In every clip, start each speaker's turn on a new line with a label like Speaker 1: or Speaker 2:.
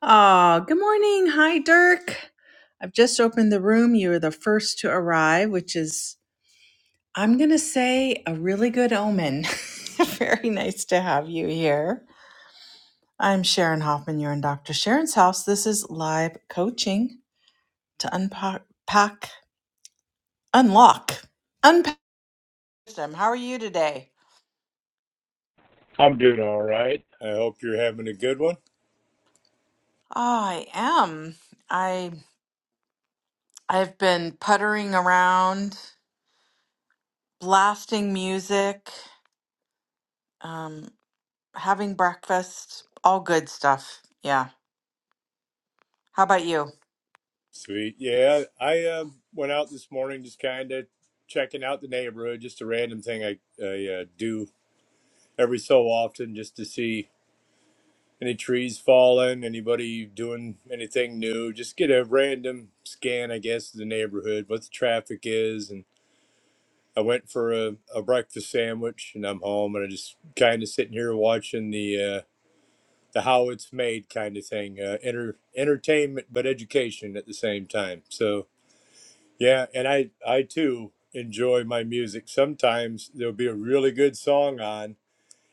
Speaker 1: Oh, good morning. Hi, Dirk. I've just opened the room. You are the first to arrive, which is, I'm going to say, a really good omen. Very nice to have you here. I'm Sharon Hoffman. You're in Dr. Sharon's house. This is live coaching to unpack, pack, unlock, unpack them. How are you today?
Speaker 2: I'm doing all right. I hope you're having a good one.
Speaker 1: Oh, I am. I I've been puttering around, blasting music. Um, having breakfast, all good stuff. Yeah. How about you?
Speaker 2: Sweet. Yeah, I uh, went out this morning just kind of checking out the neighborhood, just a random thing I, I uh, do every so often just to see any trees falling, anybody doing anything new, just get a random scan, I guess, of the neighborhood, what the traffic is. And I went for a, a breakfast sandwich and I'm home and I just kind of sitting here watching the. uh, the how it's made kind of thing uh, enter, entertainment but education at the same time so yeah and i i too enjoy my music sometimes there'll be a really good song on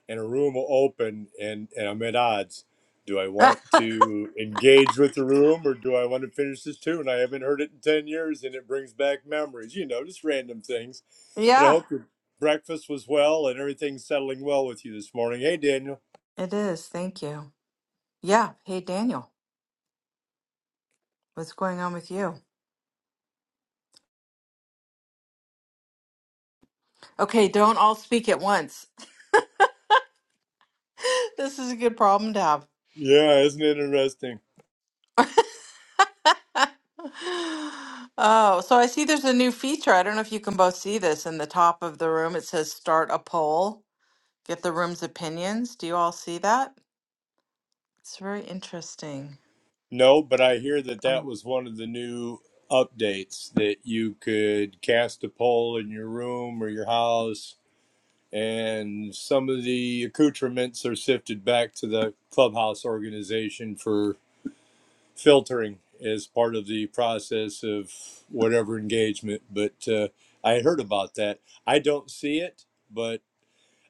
Speaker 2: and a room will open and and i'm at odds do i want to engage with the room or do i want to finish this tune i haven't heard it in 10 years and it brings back memories you know just random things but i
Speaker 1: yeah,
Speaker 2: hope your breakfast was well and everything's settling well with you this morning hey daniel
Speaker 1: it is. Thank you. Yeah. Hey, Daniel, what's going on with you? Okay, don't all speak at once. this is a good problem to have.
Speaker 2: yeah isn't it interesting
Speaker 1: oh, so I see there's a new feature. I don't know if you can both see this in the top of the room. It says start a poll, get the room's opinions. Do you all see that? It's very interesting.
Speaker 2: No, but I hear that that
Speaker 1: Um,
Speaker 2: was one of the new updates that you could cast a poll in your room or your house, and some of the accoutrements are sifted back to the clubhouse organization for filtering as part of the process of whatever engagement. But uh, I heard about that. I don't see it, but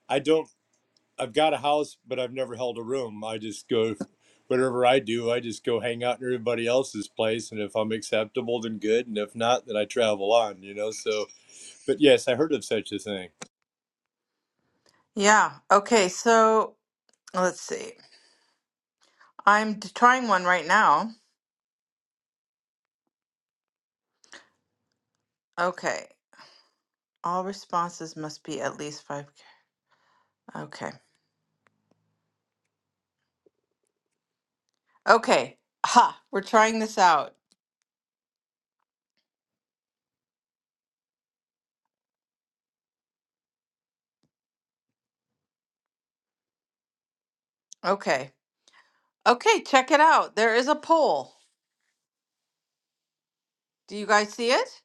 Speaker 2: I don't. I've got a house, but I've never held a room. I just go, whatever I do, I just go hang out in everybody else's place. And if I'm acceptable, then good. And if not, then I travel on, you know? So, but yes, I heard of such a thing.
Speaker 1: Yeah. Okay. So let's see. I'm d- trying one right now. Okay. All responses must be at least five. Okay. Okay. Ha. We're trying this out. Okay. Okay. Check it out. There is a poll. Do you guys see it?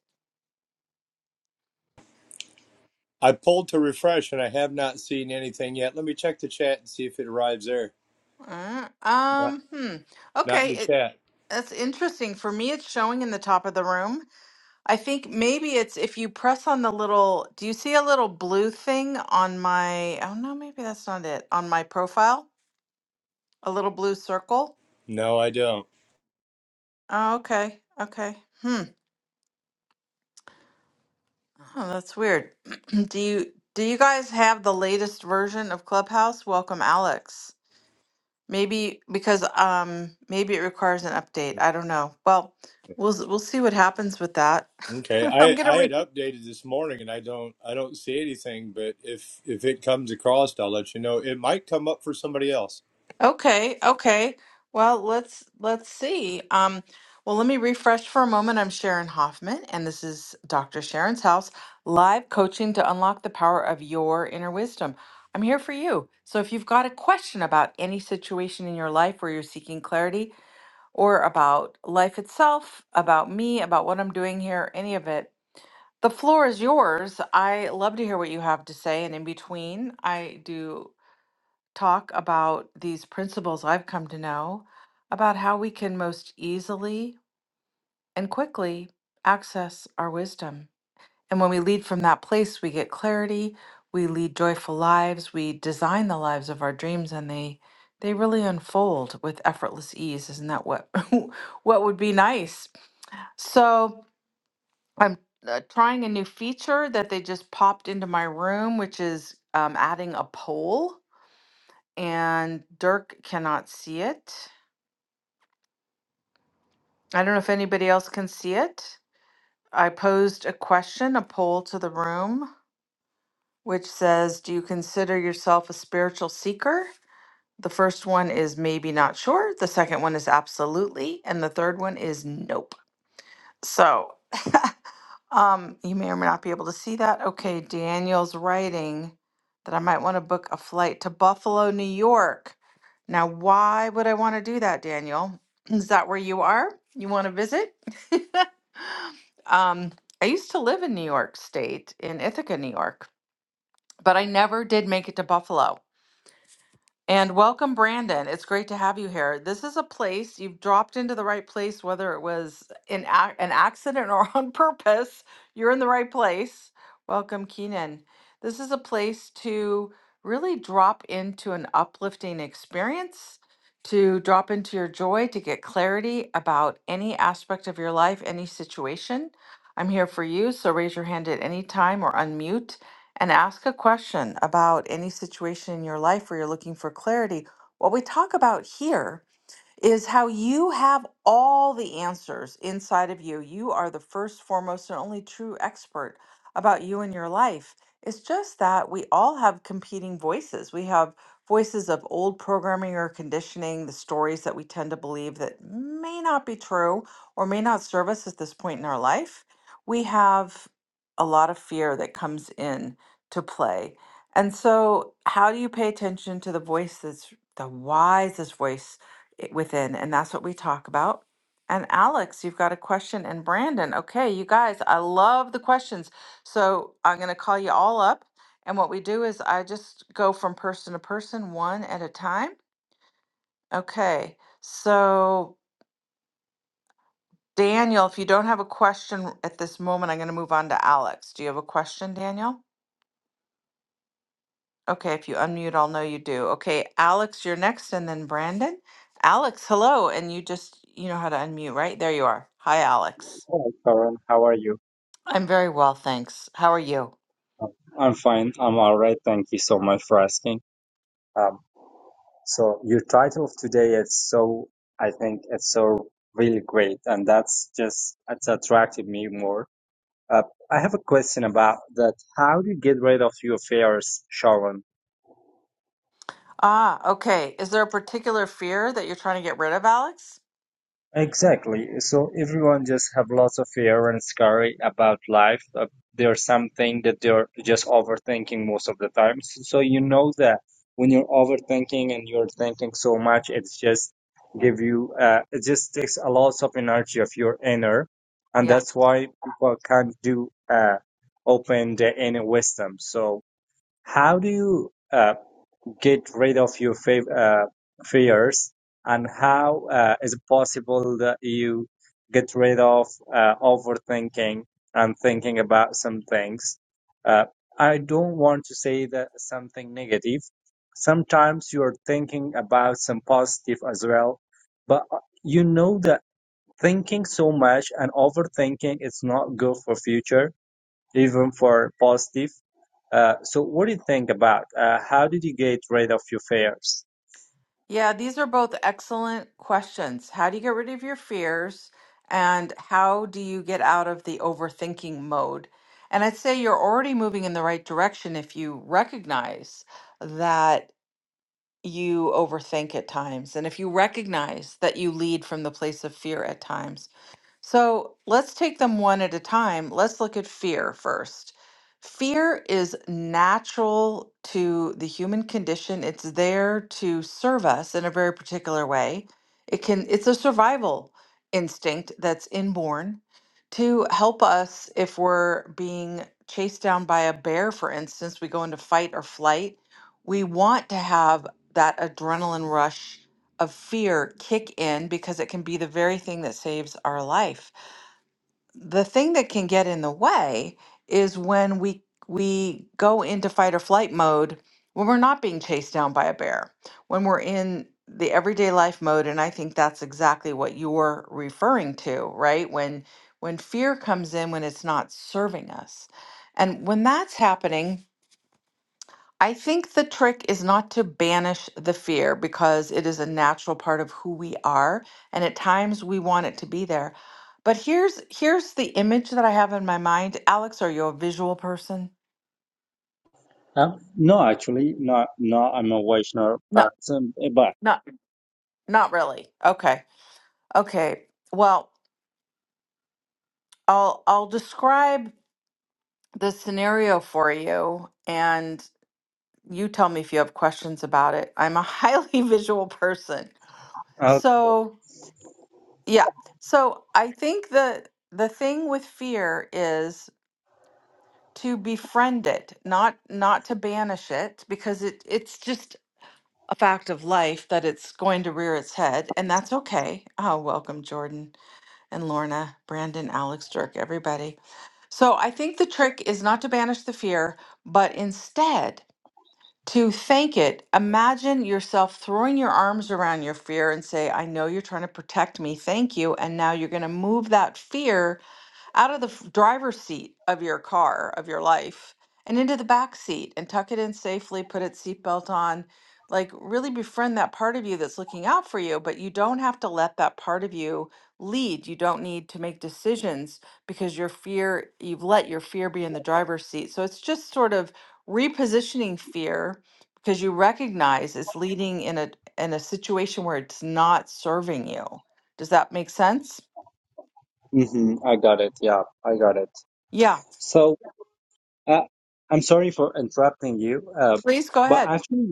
Speaker 2: I pulled to refresh and I have not seen anything yet. Let me check the chat and see if it arrives there.
Speaker 1: Uh,
Speaker 2: Not,
Speaker 1: um. Hmm.
Speaker 2: not in
Speaker 1: Okay.
Speaker 2: the
Speaker 1: It,
Speaker 2: chat.
Speaker 1: that's interesting. For me, it's showing in the top of the room. I think maybe it's if you press on the little. Do you see a little blue thing on my? Oh no, maybe that's not it. On my profile, a little blue circle.
Speaker 2: No, I don't.
Speaker 1: Oh, okay. Okay. Hmm. Oh, that's weird. Do you do you guys have the latest version of Clubhouse? Welcome, Alex. Maybe because um maybe it requires an update. I don't know. Well, we'll s- we'll see what happens with that.
Speaker 2: Okay.
Speaker 1: I'm
Speaker 2: I,
Speaker 1: gonna
Speaker 2: I
Speaker 1: re
Speaker 2: had updated this morning and I don't, I don't see anything, but if, if it comes across, I'll let you know. It might come up for somebody else.
Speaker 1: Okay, okay. Well, let's let's see. Um, well, let me refresh for a moment. I'm Sharon Hoffman, and this is Dr. Sharon's House, live coaching to unlock the power of your inner wisdom. I'm here for you. So if you've got a question about any situation in your life where you're seeking clarity, or about life itself, about me, about what I'm doing here, any of it, the floor is yours. I love to hear what you have to say, and in between, I do talk about these principles I've come to know about how we can most easily and quickly access our wisdom. And when we lead from that place, we get clarity, we lead joyful lives, we design the lives of our dreams and they they really unfold with effortless ease. Isn't that what what would be nice? So, I'm uh, trying a new feature that they just popped into my room, which is um, adding a poll and Dirk cannot see it. I don't know if anybody else can see it. I posed a question, a poll to the room, which says, Do you consider yourself a spiritual seeker? The first one is maybe not sure. The second one is absolutely. And the third one is nope. So Um, you may or may not be able to see that. Okay, Daniel's writing that I might want to book a flight to Buffalo, New York. Now, why would I want to do that, Daniel? Is that where you are? You want to visit? um, I used to live in New York State, in Ithaca, New York, but I never did make it to Buffalo. And welcome, Brandon. It's great to have you here. This is a place you've dropped into the right place, whether it was in ac- an accident or on purpose. You're in the right place. Welcome, Keenan. This is a place to really drop into an uplifting experience, to drop into your joy, to get clarity about any aspect of your life, any situation. I'm here for you, so raise your hand at any time or unmute and ask a question about any situation in your life where you're looking for clarity. What we talk about here is how you have all the answers inside of you. You are the first, foremost, and only true expert about you and your life. It's just that we all have competing voices. We have voices of old programming or conditioning, the stories that we tend to believe that may not be true or may not serve us at this point in our life. We have a lot of fear that comes in to play. And so, how do you pay attention to the voice that's the wisest voice it- within, and that's what we talk about. And Alex, you've got a question, and Brandon. Okay, you guys, I love the questions. So I'm going to call you all up. And what we do is I just go from person to person, one at a time. Okay, so Daniel, if you don't have a question at this moment, I'm going to move on to Alex. Do you have a question, Daniel? Okay, if you unmute, I'll know you do. Okay, Alex, you're next, and then Brandon. Alex, hello. And you just, you know how to unmute, right? There you are. Hi, Alex.
Speaker 3: Hi, Karan. How are you?
Speaker 1: I'm very well, thanks. How are you?
Speaker 3: Um, I'm fine. I'm all right. Thank you so much for asking. Um, so your title of today is so, I think it's so really great, and that's just it's attracted me more. Uh, I have a question about that. How do you get rid of your fears, Sharon?
Speaker 1: Ah, okay. Is there a particular fear that you're trying to get rid of, Alex?
Speaker 3: Exactly. So everyone just have lots of fear and scary about life. Uh, there's something that they're just overthinking most of the time. S- So you know that when you're overthinking and you're thinking so much, it's just give you uh, it just takes a lot of energy of your inner, and
Speaker 1: Yeah.
Speaker 3: that's why people can't do uh, open the inner wisdom. So how do you? uh, get rid of your fav- uh, fears and how uh, is it possible that you get rid of uh, overthinking and thinking about some things uh, i don't want to say that something negative sometimes you're thinking about some positive as well but uh, you know that thinking so much and overthinking is not good for future even for positive. Uh, so what do you think about uh, how did you get rid of your fears?
Speaker 1: Yeah, these are both excellent questions. How do you get rid of your fears? And how do you get out of the overthinking mode? And I'd say you're already moving in the right direction if you recognize that you overthink at times. And if you recognize that you lead from the place of fear at times, So let's take them one at a time. Let's look at fear first. Fear is natural to the human condition. It's there to serve us in a very particular way. It can it's a survival instinct that's inborn to help us if we're being chased down by a bear, for instance, we go into fight or flight. We want to have that adrenaline rush of fear kick in because it can be the very thing that saves our life. The thing that can get in the way is when we we go into fight or flight mode when we're not being chased down by a bear. When we're in the everyday life mode and I think that's exactly what you're referring to, right? When when fear comes in when it's not serving us. And when that's happening, I think the trick is not to banish the fear because it is a natural part of who we are and at times we want it to be there. But here's here's the image that I have in my mind. Alex, are you a visual person?
Speaker 3: Um, no, actually, not. No, I'm a Vaishnav,
Speaker 1: Not
Speaker 3: but um, but
Speaker 1: not not really. Okay. Okay. Well, I'll I'll describe the scenario for you and you tell me if you have questions about it. I'm a highly visual person.
Speaker 3: Okay.
Speaker 1: So, Yeah. So I think the the thing with fear is to befriend it, not not to banish it, because it it's just a fact of life that it's going to rear its head, and that's okay. Oh, welcome Jordan and Lorna, Brandon, Alex, Dirk, everybody. So I think the trick is not to banish the fear, but instead to thank it imagine yourself throwing your arms around your fear and say i know you're trying to protect me thank you and now you're going to move that fear out of the f- driver's seat of your car of your life and into the back seat and tuck it in safely put its seatbelt on like really befriend that part of you that's looking out for you but you don't have to let that part of you lead you don't need to make decisions because your fear you've let your fear be in the driver's seat so it's just sort of repositioning fear because you recognize it's leading in a in a situation where it's not serving you does that make sense
Speaker 3: hmm I got it. Yeah, I got it.
Speaker 1: yeah
Speaker 3: So uh, I'm sorry for interrupting you, uh,
Speaker 1: please go
Speaker 3: but
Speaker 1: ahead
Speaker 3: actually.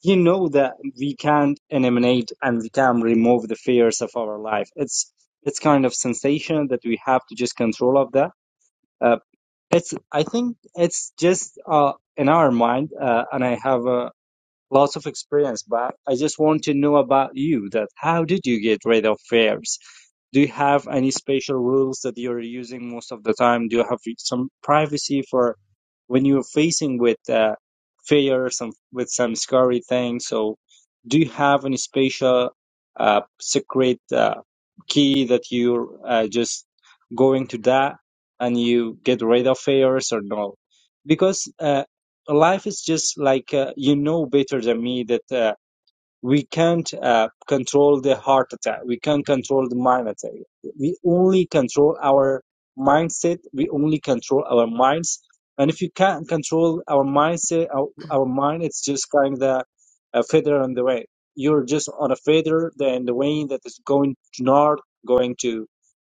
Speaker 3: He know that we can't eliminate and we can remove the fears of our life. It's it's kind of sensation that we have to just control of that. Uh, it's I think it's just uh, in our mind, uh, and I have uh, lots of experience. But I just want to know about you that how did you get rid of fears? do you have any special rules that you're using most of the time? Do you have some privacy for when you're facing with uh, fear, some with some scary things? So, do you have any special uh, secret uh, key that you're uh, just going to that and you get rid of fears or no? Because uh, life is just like uh, you know better than me that. Uh, we can't uh, control the heart attack we can't control the mind attack we only control our mindset we only control our minds and if you can't control our mindset our, our mind it's just kind of the, a feather on the way you're just on a feather then the wind that is going to north going to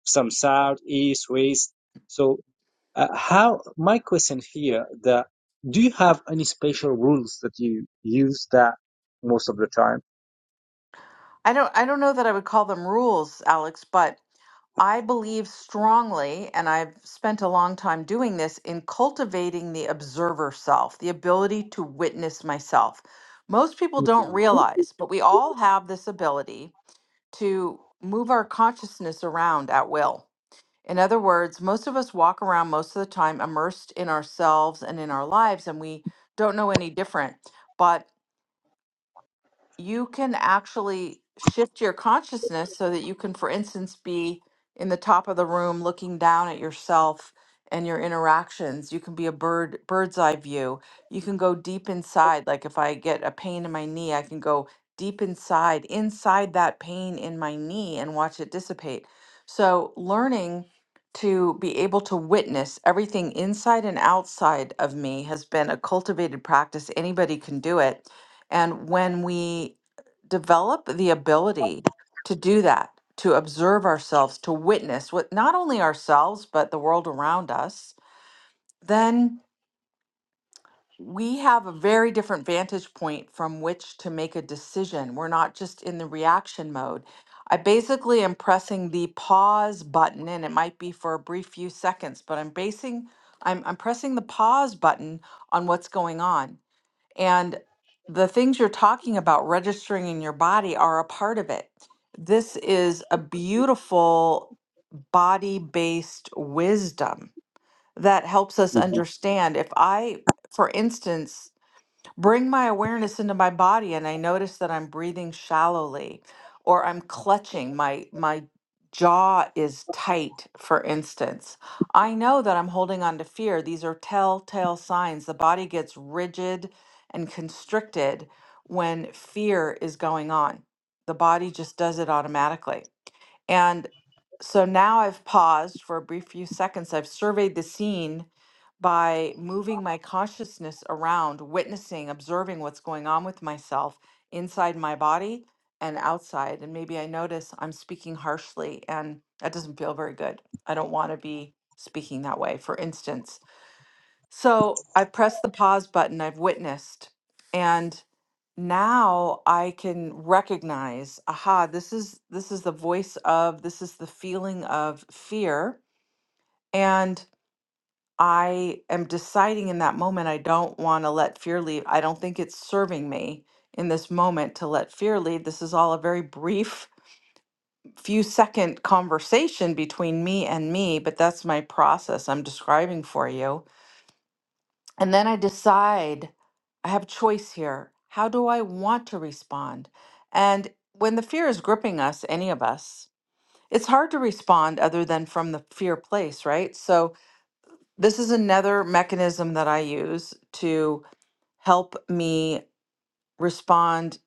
Speaker 3: some south east west so uh, how my question here that do you have any special rules that you use that most of the time
Speaker 1: I don't I don't know that I would call them rules, Alex, but I believe strongly, and I've spent a long time doing this, in cultivating the observer self, the ability to witness myself. Most people
Speaker 3: hmm
Speaker 1: don't realize, but we all have this ability to move our consciousness around at will. In other words, most of us walk around most of the time immersed in ourselves and in our lives, and we don't know any different. But you can actually shift your consciousness so that you can, for instance, be in the top of the room looking down at yourself and your interactions. You can be a bird bird's eye view. You can go deep inside. Like if I get a pain in my knee, I can go deep inside, inside that pain in my knee and watch it dissipate. So learning to be able to witness everything inside and outside of me has been a cultivated practice. Anybody can do it and when we develop the ability to do that, to observe ourselves, to witness what not only ourselves, but the world around us, then we have a very different vantage point from which to make a decision. We're not just in the reaction mode. I basically am pressing the pause button, and it might be for a brief few seconds, but I'm basing I'm, I'm pressing the pause button on what's going on and the things you're talking about registering in your body are a part of it. This is a beautiful body based wisdom that helps us
Speaker 3: hmm
Speaker 1: understand. If I, for instance, Bring my awareness into my body and I notice that I'm breathing shallowly or I'm clutching my my jaw is tight for instance. I know that I'm holding on to fear. These are telltale signs. The body gets rigid and constricted when fear is going on. The body just does it automatically. And so now I've paused for a brief few seconds. I've surveyed the scene by moving my consciousness around, witnessing, observing what's going on with myself inside my body and outside. And maybe I notice I'm speaking harshly and that doesn't feel very good. I don't want to be speaking that way, for instance. So I pressed the pause button, I've witnessed, and now I can recognize, aha, this is this is the voice of, this is the feeling of fear. And I am deciding in that moment I don't want to let fear lead. I don't think it's serving me in this moment to let fear lead. This is all a very brief few second conversation between me and me, but that's my process I'm describing for you And then I decide I have choice here. How do I want to respond? And when the fear is gripping us, any of us, it's hard to respond other than from the fear place, right? So, this is another mechanism that I use to help me respond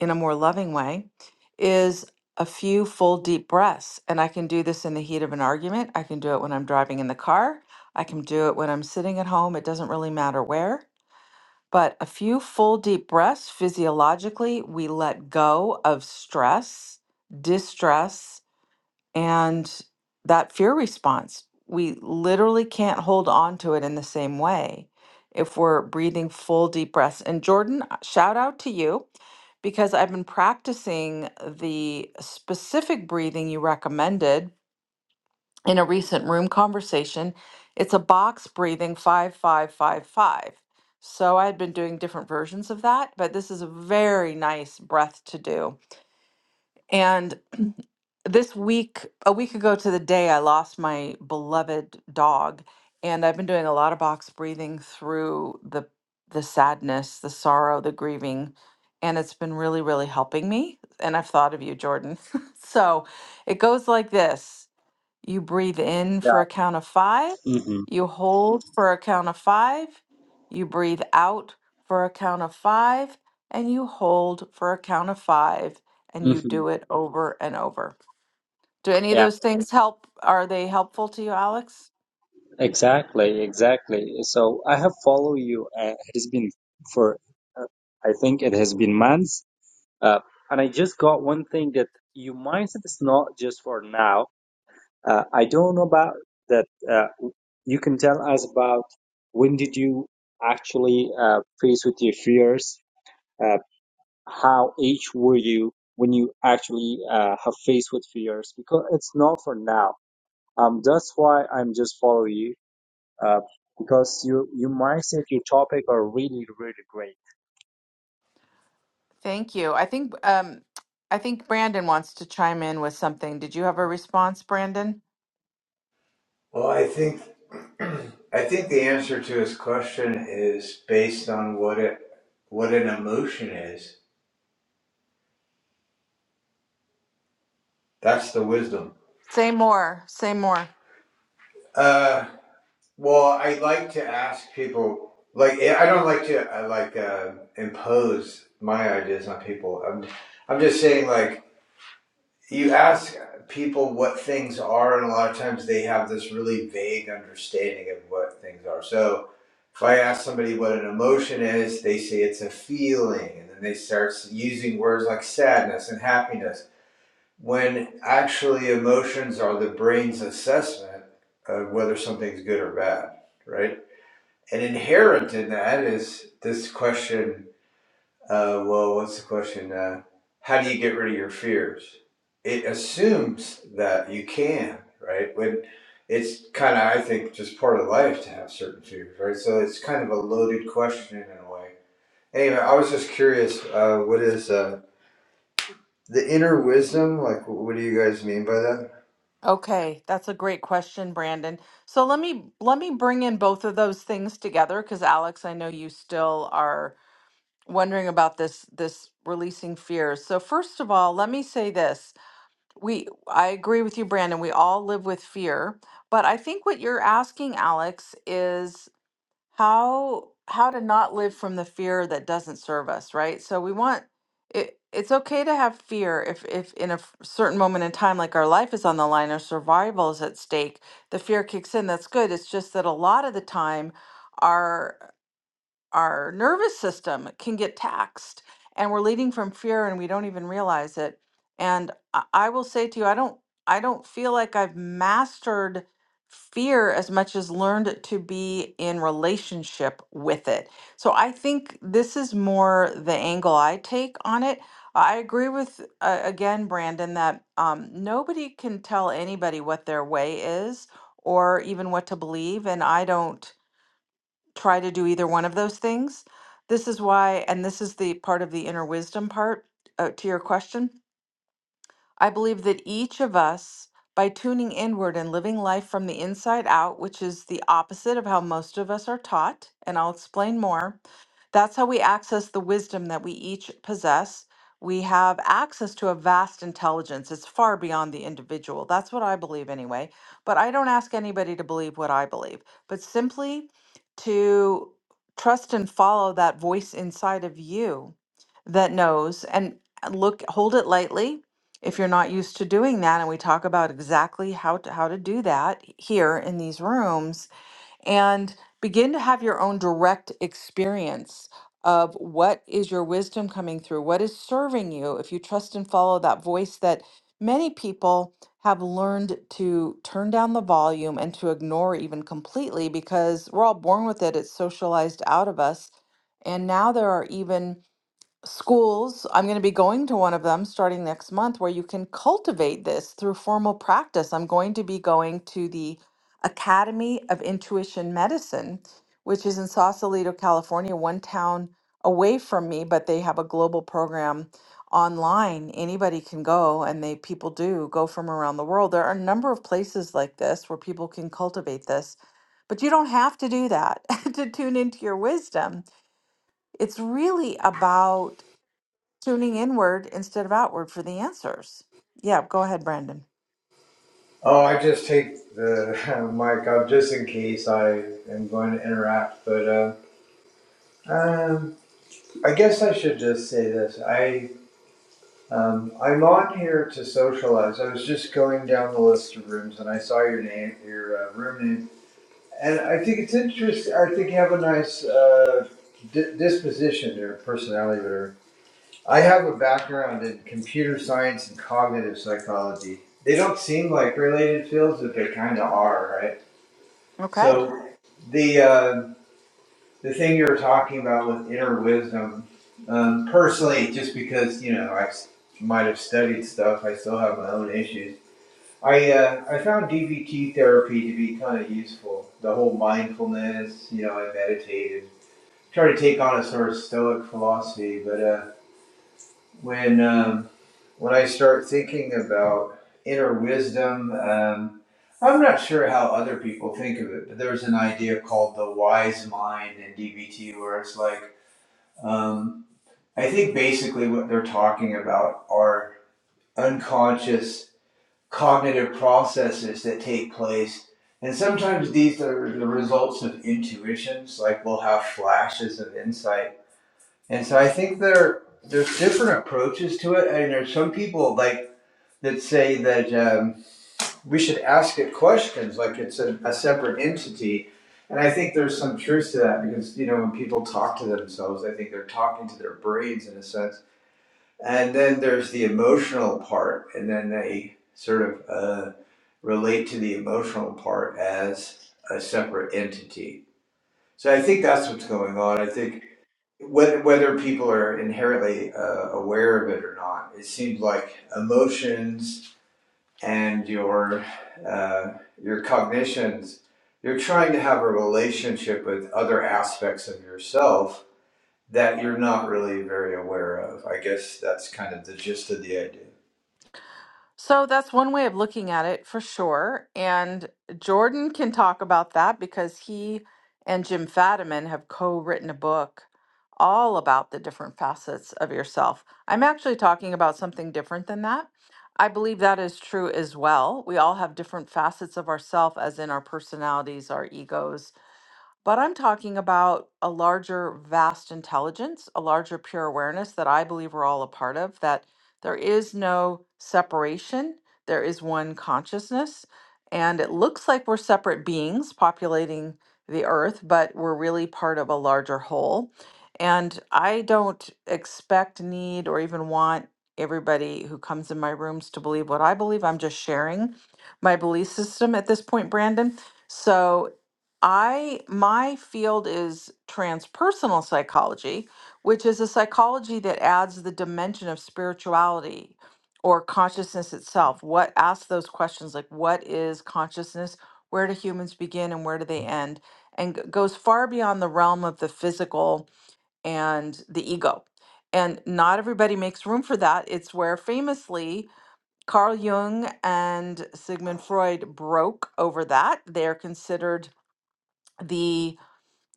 Speaker 1: in a more loving way is a few full deep breaths. And I can do this in the heat of an argument. I can do it when I'm driving in the car. I can do it when I'm sitting at home. It doesn't really matter where But a few full deep breaths, physiologically, we let go of stress, distress, and that fear response. We literally can't hold on to it in the same way if we're breathing full deep breaths. And Jordan, uh, shout out to you because I've been practicing the specific breathing you recommended in a recent room conversation, it's a box breathing 5555. So I had been doing different versions of that, but this is a very nice breath to do. And this week, a week ago to the day, I lost my beloved dog, and I've been doing a lot of box breathing through the the sadness, the sorrow, the grieving, and it's been really really helping me, and I've thought of you, Jordan. so, it goes like this. You breathe in for
Speaker 3: Yeah.
Speaker 1: a count of five.
Speaker 3: hmm
Speaker 1: You hold for a count of five. You breathe out for a count of five. And you hold for a count of five. And you
Speaker 3: hmm
Speaker 1: do it over and over. Do any of
Speaker 3: Yeah.
Speaker 1: those things help? Are they helpful to you, Alex?
Speaker 3: Exactly. Exactly. So I have followed you. Uh, it has been for, uh, I think it has been months. Uh, and I just got one thing that your mindset is not just for now. Uh, I don't know about that. Uh, you can tell us about when did you actually uh, face with your fears uh, how age were you when you actually uh, have faced with fears because it's not for now um that's why i'm just follow you uh, because you you mindset your topic are really really great
Speaker 1: Thank you. I think um, I think Brandon wants to chime in with something. Did you have a response, Brandon?
Speaker 4: Well, I think I think the answer to his question is based on what it what an emotion is. That's the wisdom.
Speaker 1: Say more. Say more.
Speaker 4: Uh, well, I like to ask people. Like I don't like to I like uh, impose my ideas on people. I'm I'm just saying like you ask people what things are, and a lot of times they have this really vague understanding of what things are. So if I ask somebody what an emotion is, they say it's a feeling, and then they start using words like sadness and happiness, when actually emotions are the brain's assessment of whether something's good or bad, right? And inherent in that is this question uh, well, what's the question? Uh, how do you get rid of your fears? It assumes that you can, right? When it's kind of, I think, just part of life to have certain fears, right? So it's kind of a loaded question in a way. Anyway, I was just curious. Uh, what is uh, the inner wisdom? Like, what do you guys mean by that?
Speaker 1: Okay, that's a great question, Brandon. So let me let me bring in both of those things together because Alex, I know you still are wondering about this this releasing fears. So first of all, let me say this. We I agree with you, Brandon. We all live with fear, but I think what you're asking, Alex, is how how to not live from the fear that doesn't serve us right so we want it it's okay to have fear if if in a f- certain moment in time like our life is on the line our survival is at stake the fear kicks in that's good it's just that a lot of the time our our nervous system can get taxed and we're leading from fear and we don't even realize it and i, I will say to you i don't i don't feel like i've mastered fear as much as learned to be in relationship with it so i think this is more the angle i take on it i agree with uh, again brandon that um, nobody can tell anybody what their way is or even what to believe and i don't try to do either one of those things. This is why, and this is the part of the inner wisdom part uh, to your question. I believe that each of us, by tuning inward and living life from the inside out, which is the opposite of how most of us are taught, and I'll explain more, that's how we access the wisdom that we each possess. We have access to a vast intelligence. It's far beyond the individual. That's what I believe, anyway. But I don't ask anybody to believe what I believe, but simply to trust and follow that voice inside of you that knows and look, hold it lightly if you're not used to doing that and we talk about exactly how to how to do that here in these rooms and begin to have your own direct experience of what is your wisdom coming through what is serving you if you trust and follow that voice that many people have learned to turn down the volume and to ignore even completely because we're all born with it it's socialized out of us and now there are even schools, I'm going to be going to one of them starting next month where you can cultivate this through formal practice. I'm going to be going to the Academy of Intuition Medicine, which is in Sausalito, California, one town away from me, but they have a global program online. Anybody can go and they people do go from around the world. There are a number of places like this where people can cultivate this. But you don't have to do that to tune into your wisdom. It's really about tuning inward instead of outward for the answers. Yeah, go ahead, Brandon.
Speaker 4: Oh, I just take the mic up just in case I am going to interact, but. Uh, um, I guess I should just say this. I Um, I'm on here to socialize. I was just going down the list of rooms and I saw your name, your uh, room name, and I think it's interesting. I think you have a nice uh, di- disposition or personality, whatever. I have a background in computer science and cognitive psychology. They don't seem like related fields, but they kind of are, right?
Speaker 1: Okay.
Speaker 4: So the uh, the thing you were talking about with inner wisdom, um, personally, just because you know I might have studied stuff, I still have my own issues. I uh, I found DBT therapy to be kind of useful. The whole mindfulness, you know, I meditated, try to take on a sort of stoic philosophy. But uh, when um, when I start thinking about inner wisdom, um, I'm not sure how other people think of it, but there's an idea called the wise mind in DBT where it's like um, I think basically what they're talking about are unconscious cognitive processes that take place. And sometimes these are the results of intuitions, like we'll have flashes of insight. And so I think there there's different approaches to it. And there's some people like that say that um, we should ask it questions, like it's a, a separate entity. And I think there's some truth to that because you know when people talk to themselves, I think they're talking to their brains in a sense And then there's the emotional part, and then they sort of uh, relate to the emotional part as a separate entity. So I think that's what's going on. I think whether, whether people are inherently uh, aware of it or not, it seems like emotions and your uh, your cognitions, you're trying to have a relationship with other aspects of yourself that you're not really very aware of. I guess that's kind of the gist of the idea.
Speaker 1: So that's one way of looking at it for sure. And Jordan can talk about that because he and Jim Fadiman have co written a book all about the different facets of yourself. I'm actually talking about something different than that. I believe that is true as well. We all have different facets of ourself, as in our personalities, our egos, But I'm talking about a larger, vast intelligence, a larger pure awareness that I believe we're all a part of, that there is no separation. There is one consciousness. And it looks like we're separate beings populating the earth, but we're really part of a larger whole. And I don't expect, need, or even want everybody who comes in my rooms to believe what I believe. I'm just sharing my belief system at this point, Brandon. So I my field is transpersonal psychology, which is a psychology that adds the dimension of spirituality or consciousness itself. What asks those questions like what is consciousness? Where do humans begin and where do they end? And g- goes far beyond the realm of the physical and the ego. And not everybody makes room for that. It's where famously Carl Jung and Sigmund Freud broke over that. They're considered the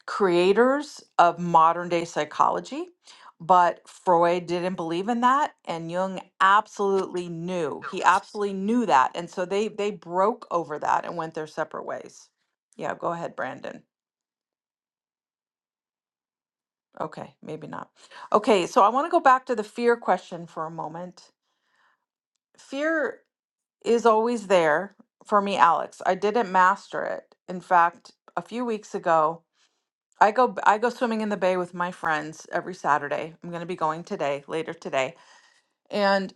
Speaker 1: creators of modern day psychology, but Freud didn't believe in that and Jung absolutely knew. He absolutely knew that. And so they they broke over that and went their separate ways. Yeah, go ahead, Brandon. Okay, maybe not. Okay, so I want to go back to the fear question for a moment. Fear is always there for me, Alex. I didn't master it. In fact, a few weeks ago, I go b- I go swimming in the bay with my friends every Saturday. I'm going to be going today, later today. And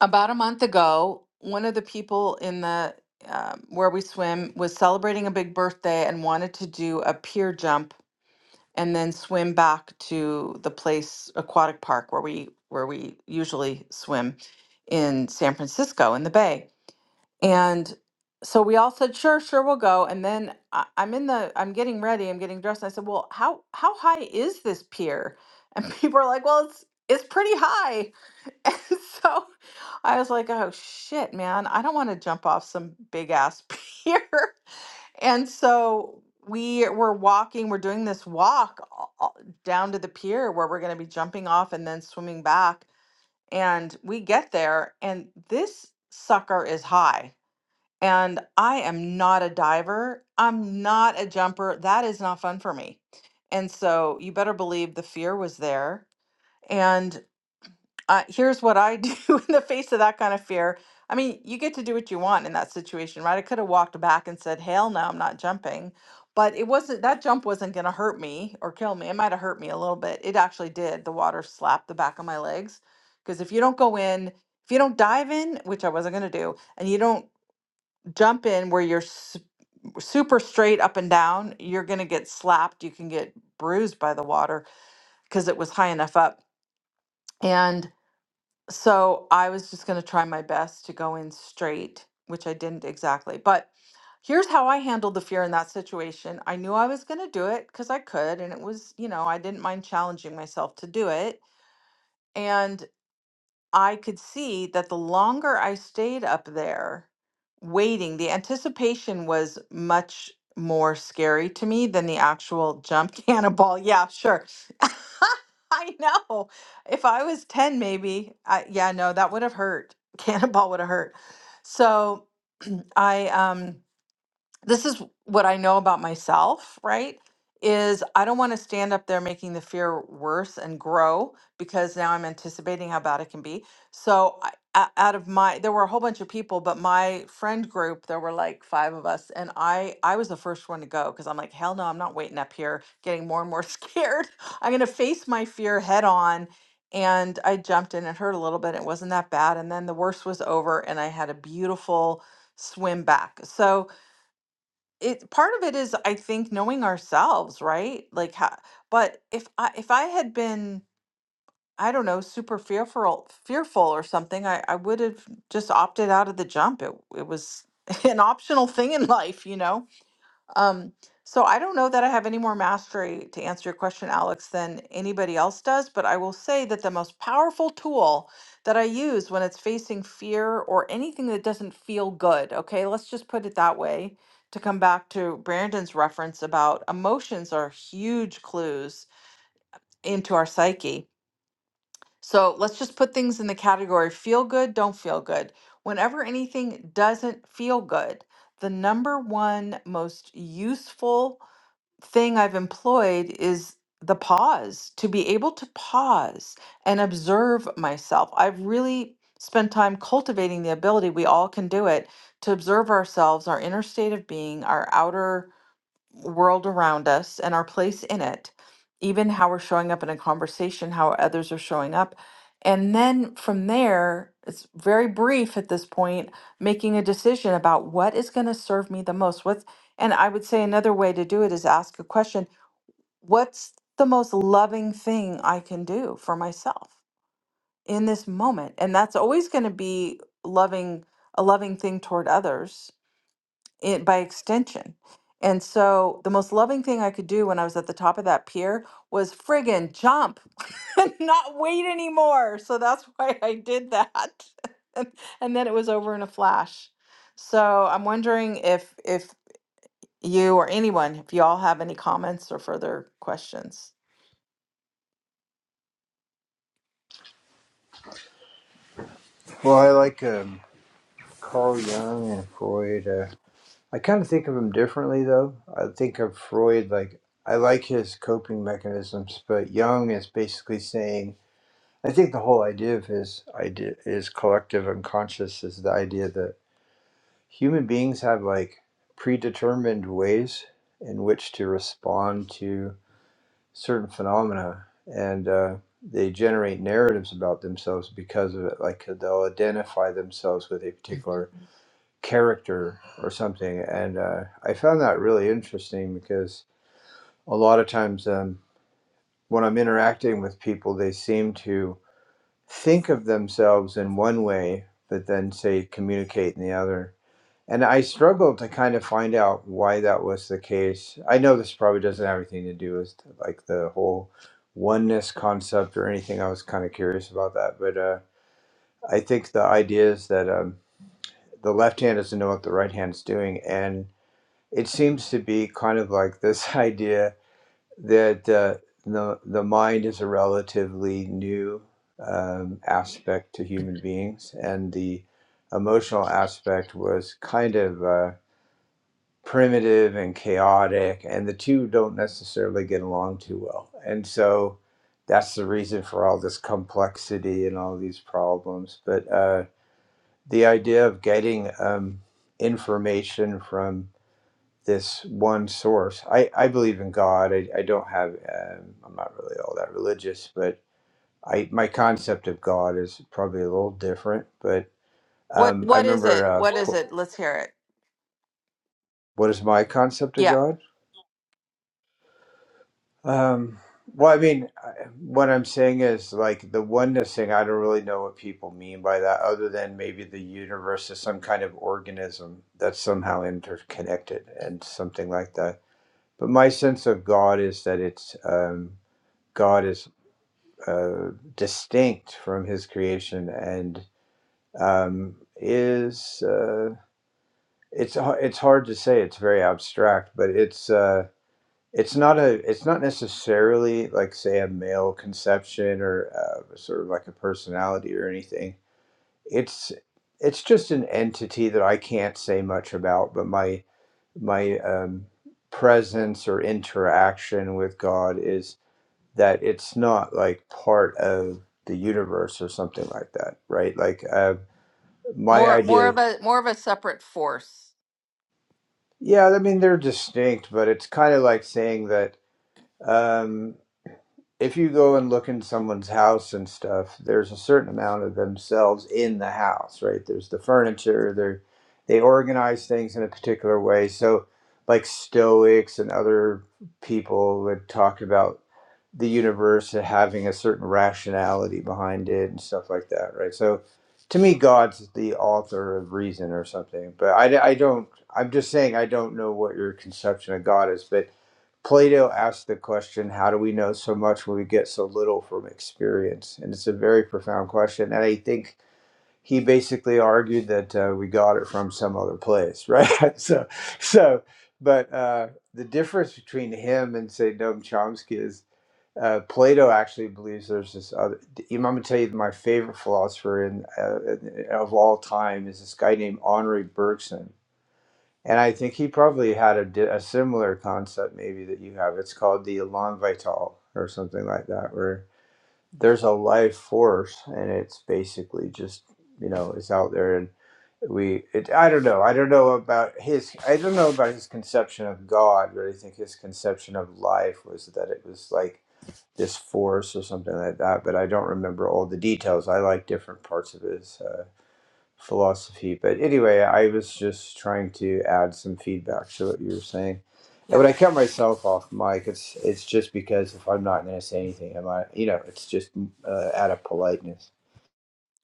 Speaker 1: about a month ago, one of the people in the um, where we swim was celebrating a big birthday and wanted to do a pier jump and then swim back to the place aquatic park where we where we usually swim in San Francisco in the bay. And so we all said, sure, sure, we'll go. And then I, I'm in the, I'm getting ready, I'm getting dressed. And I said, well, how how high is this pier? And people are like, well, it's it's pretty high. And so I was like, oh shit, man, I don't want to jump off some big ass pier. And so we were walking, we're doing this walk all- all down to the pier where we're going to be jumping off and then swimming back. And we get there, and this sucker is high and I am not a diver. I'm not a jumper. That is not fun for me. And so you better believe the fear was there. And uh, here's what I do in the face of that kind of fear. I mean, you get to do what you want in that situation, right? I could have walked back and said, hell no, I'm not jumping. But it wasn't, that jump wasn't going to hurt me or kill me. It might have hurt me a little bit. It actually did. The water slapped the back of my legs. Because if you don't go in, if you don't dive in, which I wasn't going to do, and you don't jump in where you're super straight up and down, you're going to get slapped. You can get bruised by the water because it was high enough up. And so I was just going to try my best to go in straight, which I didn't exactly. But here's how I handled the fear in that situation I knew I was going to do it because I could. And it was, you know, I didn't mind challenging myself to do it. And I could see that the longer I stayed up there waiting, the anticipation was much more scary to me than the actual jump cannonball. Yeah, sure. I know. If I was 10, maybe, I, yeah, no, that would have hurt. Cannonball would have hurt. So I, um, this is what I know about myself, right? Is I don't want to stand up there making the fear worse and grow because now I'm anticipating how bad it can be. So, I, o- out of my, there were a whole bunch of people, but my friend group, there were like five of us, and I, I was the first one to go because I'm like, hell no, I'm not waiting up here, getting more and more scared. I'm gonna face my fear head on, and I jumped in. It hurt a little bit. It wasn't that bad, and then the worst was over, and I had a beautiful swim back. So it part of it is I think knowing ourselves, right? Like how, but if I if I had been I don't know super fearful fearful or something, I I would have just opted out of the jump. It it was an optional thing in life, you know. Um, so I don't know that I have any more mastery to answer your question, Alex, than anybody else does, but I will say that the most powerful tool that I use when it's facing fear or anything that doesn't feel good, okay, let's just put it that way to come back to Brandon's reference about emotions are huge clues into our psyche. So let's just put things in the category feel good, don't feel good. Whenever anything doesn't feel good, the number one most useful thing I've employed is the pause, to be able to pause and observe myself. I've really spent time cultivating the ability, we all can do it, to observe ourselves, our inner state of being, our outer world around us and our place in it, even how we're showing up in a conversation, how others are showing up. And then from there, it's very brief at this point, making a decision about what is going to serve me the most. What's, and I would say another way to do it is ask a question What's the most loving thing I can do for myself in this moment? And that's always going to be loving, a loving thing toward others it by extension. And so the most loving thing I could do when I was at the top of that pier was friggin' jump and not wait anymore. So that's why I did that. and, and then it was over in a flash. So I'm wondering if if you or anyone, if you all have any comments or further questions.
Speaker 4: Well, I like um, Carl Jung and Freud. Uh, I kind of think of him differently, though. I think of Freud like I like his coping mechanisms, but Jung is basically saying I think the whole idea of his idea his collective unconscious is the idea that human beings have like predetermined ways in which to respond to certain phenomena, and uh, they generate narratives about themselves because of it. Like they'll identify themselves with a particular character or something. And uh, I found that really interesting because a lot of times um, when I'm interacting with people, they seem to think of themselves in one way, but then say communicate in the other. And I struggled to kind of find out why that was the case. I know this probably doesn't have anything to do with like the whole oneness concept or anything. I was kind of curious about that, but uh, I think the idea is that um, the left hand doesn't know what the right hand's doing, and it seems to be kind of like this idea that uh, the the mind is a relatively new um, aspect to human beings, and the emotional aspect was kind of uh, primitive and chaotic, and the two don't necessarily get along too well, and so. That's the reason for all this complexity and all these problems. But uh, the idea of getting um, information from this one source. I, I believe in God. I, I don't have, um, I'm not really all that religious, but I my concept of God is probably a little different. But
Speaker 1: What
Speaker 4: um, I
Speaker 1: what is
Speaker 4: remember,
Speaker 1: it?
Speaker 4: uh,
Speaker 1: What
Speaker 4: What-
Speaker 1: is
Speaker 4: po-
Speaker 1: it? Let's hear it.
Speaker 4: what is my concept of
Speaker 1: Yeah.
Speaker 4: God? Um, well, I mean, I- what I'm saying is like the oneness thing, I don't really know what people mean by that, other than maybe the universe is some kind of organism that's somehow interconnected and something like that. But my sense of God is that it's um, God is. uh, distinct from his creation and um, is uh, it's it's hard to say it's very abstract but it's uh, it's not a it's not necessarily like say a male conception or uh, sort of like a personality or anything it's it's just an entity that I can't say much about but my my um, presence or interaction with God is that it's not like part of the universe or something like that, right? Like uh, my
Speaker 1: More more
Speaker 4: idea,
Speaker 1: of a more of a separate force.
Speaker 4: yeah, I mean they're distinct, but it's kind of like saying that. Um, if you go and look in someone's house and stuff, there's a certain amount of themselves in the house, right? There's the furniture, they they organize things in a particular way. So like Stoics and other people would talk about the universe and having a certain rationality behind it and stuff like that, right? So to me, God's the author of reason or something, but I, I don't, I'm just saying I don't know what your conception of God is, but Plato asked the question, How do we know so much when we get so little from experience? And it's a very profound question. And I think he basically argued that uh, we got it from some other place, right? so, so, but uh, the difference between him and, say, Noam Chomsky is uh, Plato actually believes there's this other. I'm going to tell you my favorite philosopher in, uh, of all time is this guy named Henri Bergson and I think he probably had a, di- a similar concept, maybe that you have. It's called the Elan Vital or something like that, where there's a life force, and it's basically just you know it's out there, and we. It, I don't know. I don't know about his. I don't know about his conception of God, but I think his conception of life was that it was like this force or something like that. But I don't remember all the details. I like different parts of his. uh, philosophy. But anyway, I was just trying to add some feedback to what you were saying. And when
Speaker 1: Yeah.
Speaker 4: I cut myself off, Mike, it's it's just because if I'm not going to say anything, am I? You know, it's just uh, out of politeness.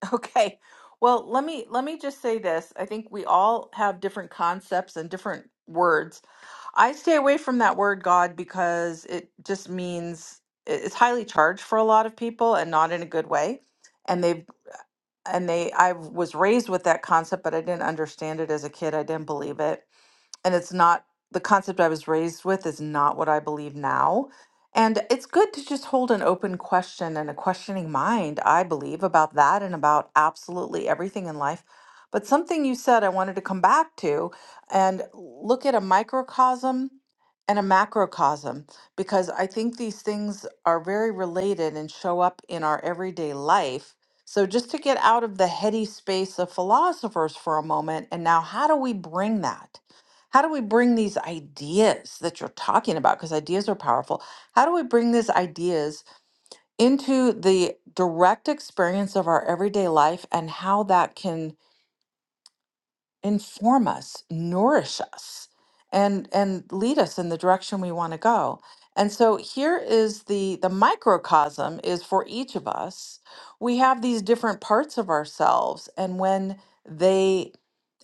Speaker 1: Okay. Well, let me let me just say this. I think we all have different concepts and different words. I stay away from that word God because it just means it- it's highly charged for a lot of people and not in a good way. And they've and they I was raised with that concept, but I didn't understand it as a kid. I didn't believe it. and it's not the concept I was raised with is not what I believe now. And it's good to just hold an open question and a questioning mind, I believe, about that and about absolutely everything in life. But something you said I wanted to come back to and look at a microcosm and a macrocosm, because I think these things are very related and show up in our everyday life. So, just to get out of the heady space of philosophers for a moment, and now how do we bring that? How do we bring these ideas that you're talking about? Because ideas are powerful. How do we bring these ideas into the direct experience of our everyday life and how that can inform us, nourish us, and and lead us in the direction we want to go? And so here is the the microcosm is for each of us. We have these different parts of ourselves, and when they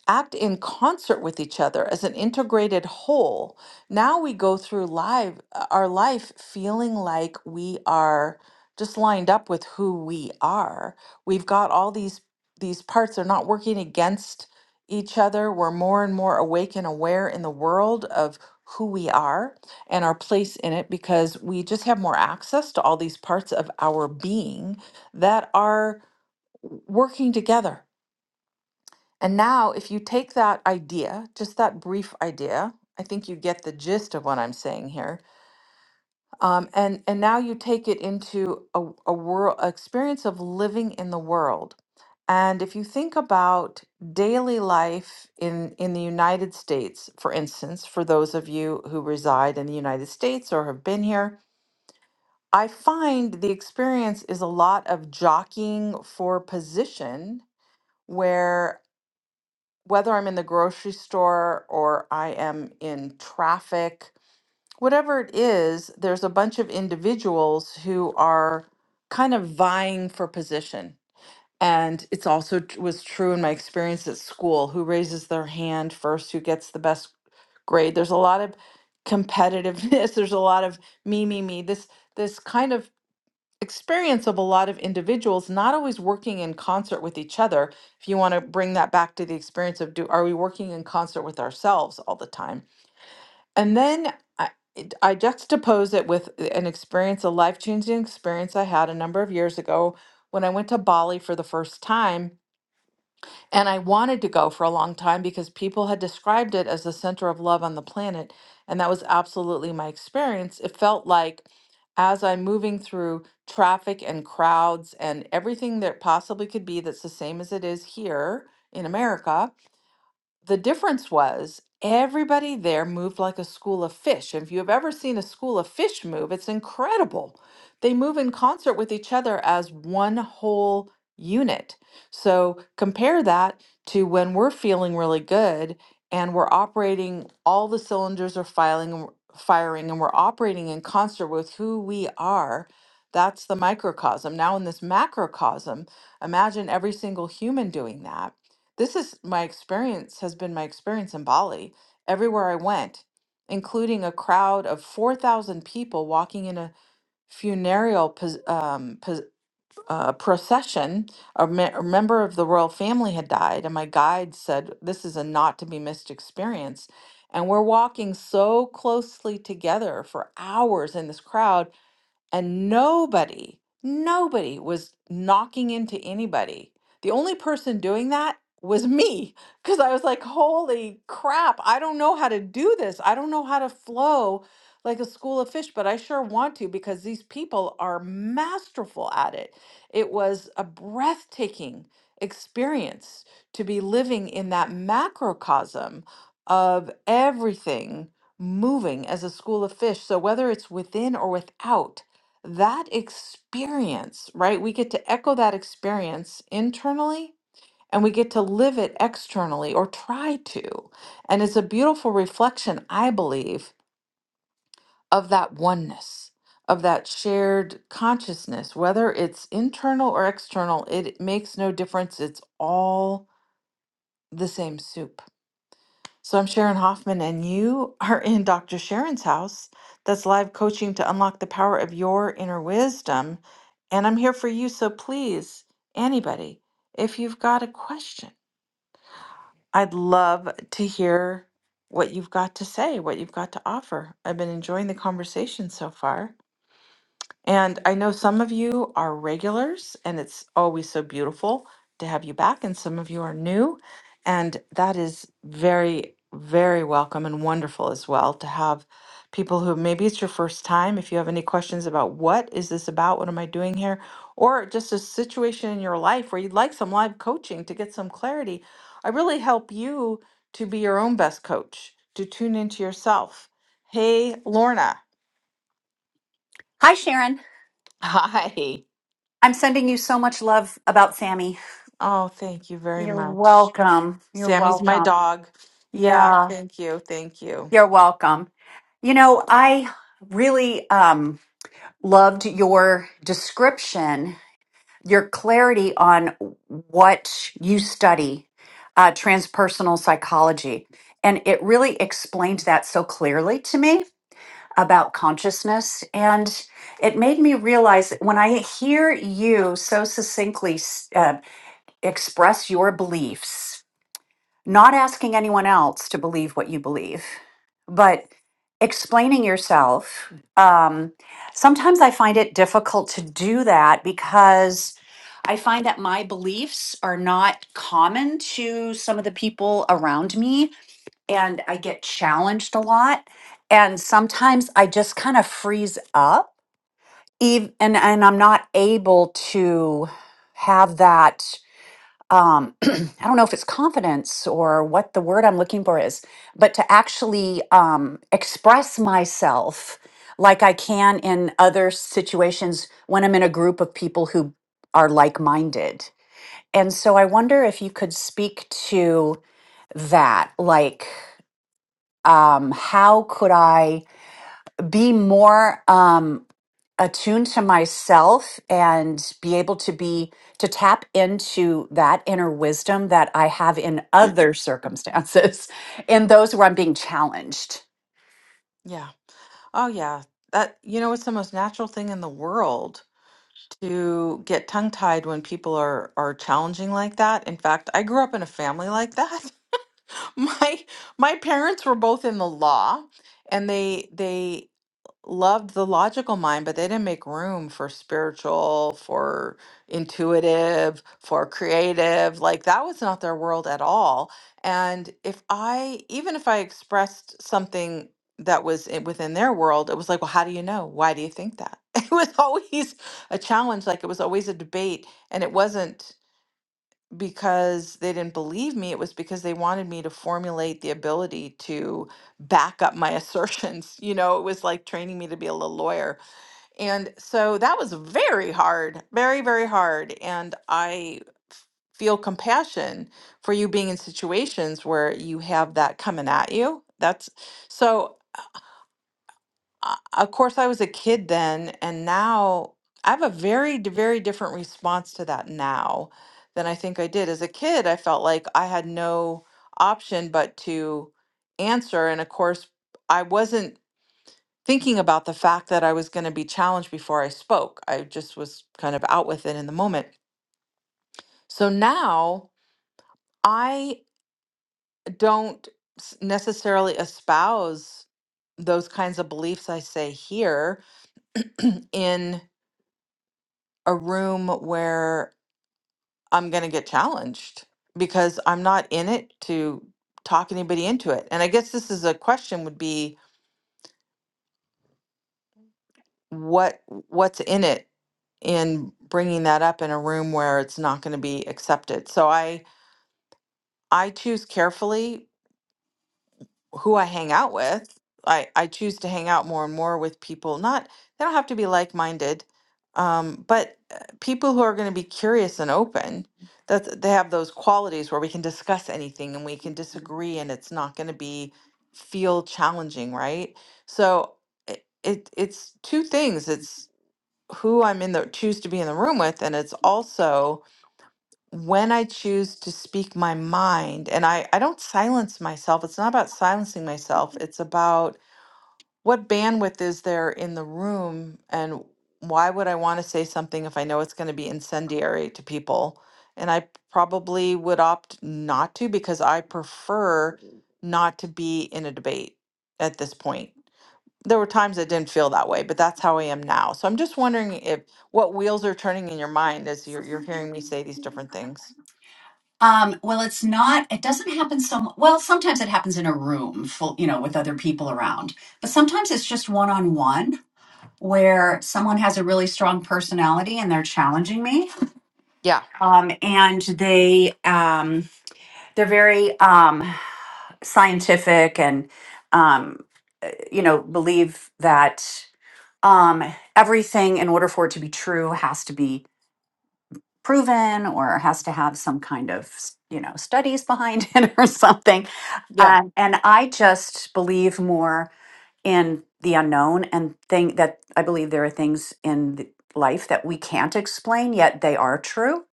Speaker 1: act in concert with each other as an integrated whole. Now we go through live uh, our life feeling like we are just lined up with who we are. We've got all these these parts they're not working against each other. We're more and more awake and aware in the world of who we are and our place in it because we just have more access to all these parts of our being that are working together and now, if you take that idea, just that brief idea, I think you get the gist of what I'm saying here. Um, and and now you take it into a, a world experience of living in the world. And if you think about daily life in in the United States, for instance, for those of you who reside in the United States or have been here, I find the experience is a lot of jockeying for position where whether I'm in the grocery store or I am in traffic, whatever it is, there's a bunch of individuals who are kind of vying for position. And it's also t- was true in my experience at school who raises their hand first, who gets the best grade. There's a lot of competitiveness. There's a lot of me, me, me. This this kind of experience of a lot of individuals not always working in concert with each other. If you want to bring that back to the experience of do are we working in concert with ourselves all the time? And then I, it- I juxtapose it with an experience, a life changing experience I had a number of years ago when I went to Bali for the first time and I wanted to go for a long time because people had described it as the center of love on the planet. And that was absolutely my experience. It felt like as I'm moving through traffic and crowds and everything that possibly could be that's the same as it is here in America, the difference was everybody there moved like a school of fish. If you've ever seen a school of fish move, it's incredible. They move in concert with each other as one whole unit. So compare that to when we're feeling really good and we're operating, all the cylinders are filing, and firing, and we're operating in concert with who we are. That's the microcosm. Now, in this macrocosm, imagine every single human doing that this is my experience, has been my experience in Bali, everywhere I went, including a crowd of 4,000 people walking in a funereal pos- um, pos- uh, procession. A, me- a member of the royal family had died, and my guide said, This is a not to be missed experience. And we're walking so closely together for hours in this crowd and nobody, nobody was knocking into anybody. The only person doing that was me because I was like, holy crap, I don't know how to do this. I don't know how to flow like a school of fish, but I sure want to because these people are masterful at it. It was a breathtaking experience to be living in that macrocosm of everything moving as a school of fish. So whether it's within or without, that experience, right? We get to echo that experience internally and we get to live it externally or try to. And it's a beautiful reflection, I believe, of that oneness, of that shared consciousness, whether it's internal or external, it makes no difference. It's all the same soup. So I'm Sharon Hoffman, and you are in Dr. Sharon's house. That's live coaching to unlock the power of your inner wisdom. And I'm here for you. So please, anybody, if you've got a question, I'd love to hear what you've got to say, what you've got to offer. I've been enjoying the conversation so far. And I know some of you are regulars, and it's always so beautiful to have you back, and some of you are new, and that is very, very welcome and wonderful as well to have people who maybe it's your first time. If you have any questions about what is this about, what am I doing here, or just a situation in your life where you'd like some live coaching to get some clarity, I really help you to be your own best coach, to tune into yourself. Hey, Lorna.
Speaker 5: Hi, Sharon.
Speaker 1: Hi.
Speaker 5: I'm sending you so much love about Sammy.
Speaker 1: Oh, thank you very
Speaker 5: You're
Speaker 1: much.
Speaker 5: welcome. You're
Speaker 1: Sammy's my
Speaker 5: welcome.
Speaker 1: dog. Yeah,
Speaker 5: Yeah,
Speaker 1: thank you. Thank you.
Speaker 5: you're welcome. You know, I really um, loved your description, your clarity on what you study, uh, transpersonal psychology. And it really explained that so clearly to me about consciousness. And it made me realize that when I hear you so succinctly express your beliefs, not asking anyone else to believe what you believe, but explaining yourself. Um, sometimes I find it difficult to do that because I find that my beliefs are not common to some of the people around me, and I get challenged a lot. And sometimes I just kind of freeze up, ev- and, and I'm not able to have that um, I don't know if it's confidence or what the word I'm looking for is, but to actually um, express myself like I can in other situations when I'm in a group of people who are like minded. And so I wonder if you could speak to that. Like, um, how could I be more? Um, attuned to myself and be able to be to tap into that inner wisdom that I have in other circumstances, in those where I'm being challenged.
Speaker 1: Yeah. Oh, yeah. That, you know, it's the most natural thing in the world to get tongue-tied when people are are challenging like that. In fact, I grew up in a family like that. My my parents were both in the law and they they loved the logical mind, but they didn't make room for spiritual, for intuitive, for creative. Like that was not their world at all. And if I, even if I expressed something that was in- within their world, it was like, well, how do you know? Why do you think that? It was always a challenge. Like it was always a debate. And it wasn't because they didn't believe me. It was because they wanted me to formulate the ability to back up my assertions. You know, it was like training me to be a little lawyer. And so that was very hard, very, very hard. And I f- feel compassion for you being in situations where you have that coming at you. That's so uh, of course i was a kid then and now i have a very d- very different response to that now than i think i did as a kid i felt like i had no option but to answer and of course i wasn't thinking about the fact that i was going to be challenged before i spoke i just was kind of out with it in the moment so now i don't s- necessarily espouse those kinds of beliefs i say here in a room where I'm going to get challenged because I'm not in it to talk anybody into it. And I guess this is a question would be what what's in it in bringing that up in a room where it's not going to be accepted. So I I choose carefully who I hang out with. I, I choose to hang out more and more with people. Not they don't have to be like minded, um, but uh, people who are going to be curious and open. That they have those qualities where we can discuss anything and we can disagree, and it's not going to be feel challenging, right? So it, it it's two things. It's who I'm in the choose to be in the room with, and it's also when I choose to speak my mind, and I, I don't silence myself, it's not about silencing myself, it's about what bandwidth is there in the room and why would I want to say something if I know it's going to be incendiary to people? And I probably would opt not to because I prefer not to be in a debate at this point. There were times I didn't feel that way, but that's how I am now. So I'm just wondering if what wheels are turning in your mind as you're, you're hearing me say these different things.
Speaker 5: Um, well, it's not, it doesn't happen so, well, sometimes it happens in a room full, you know, with other people around, but sometimes it's just one on one where someone has a really strong personality and they're challenging me.
Speaker 1: Yeah.
Speaker 5: Um, and they, um, they're very, um, scientific and, um, you know, believe that, um, everything in order for it to be true has to be proven or has to have some kind of you know studies behind it or something
Speaker 1: Yeah.
Speaker 5: um, and i just believe more in the unknown and think that i believe there are things in th- life that we can't explain yet they are true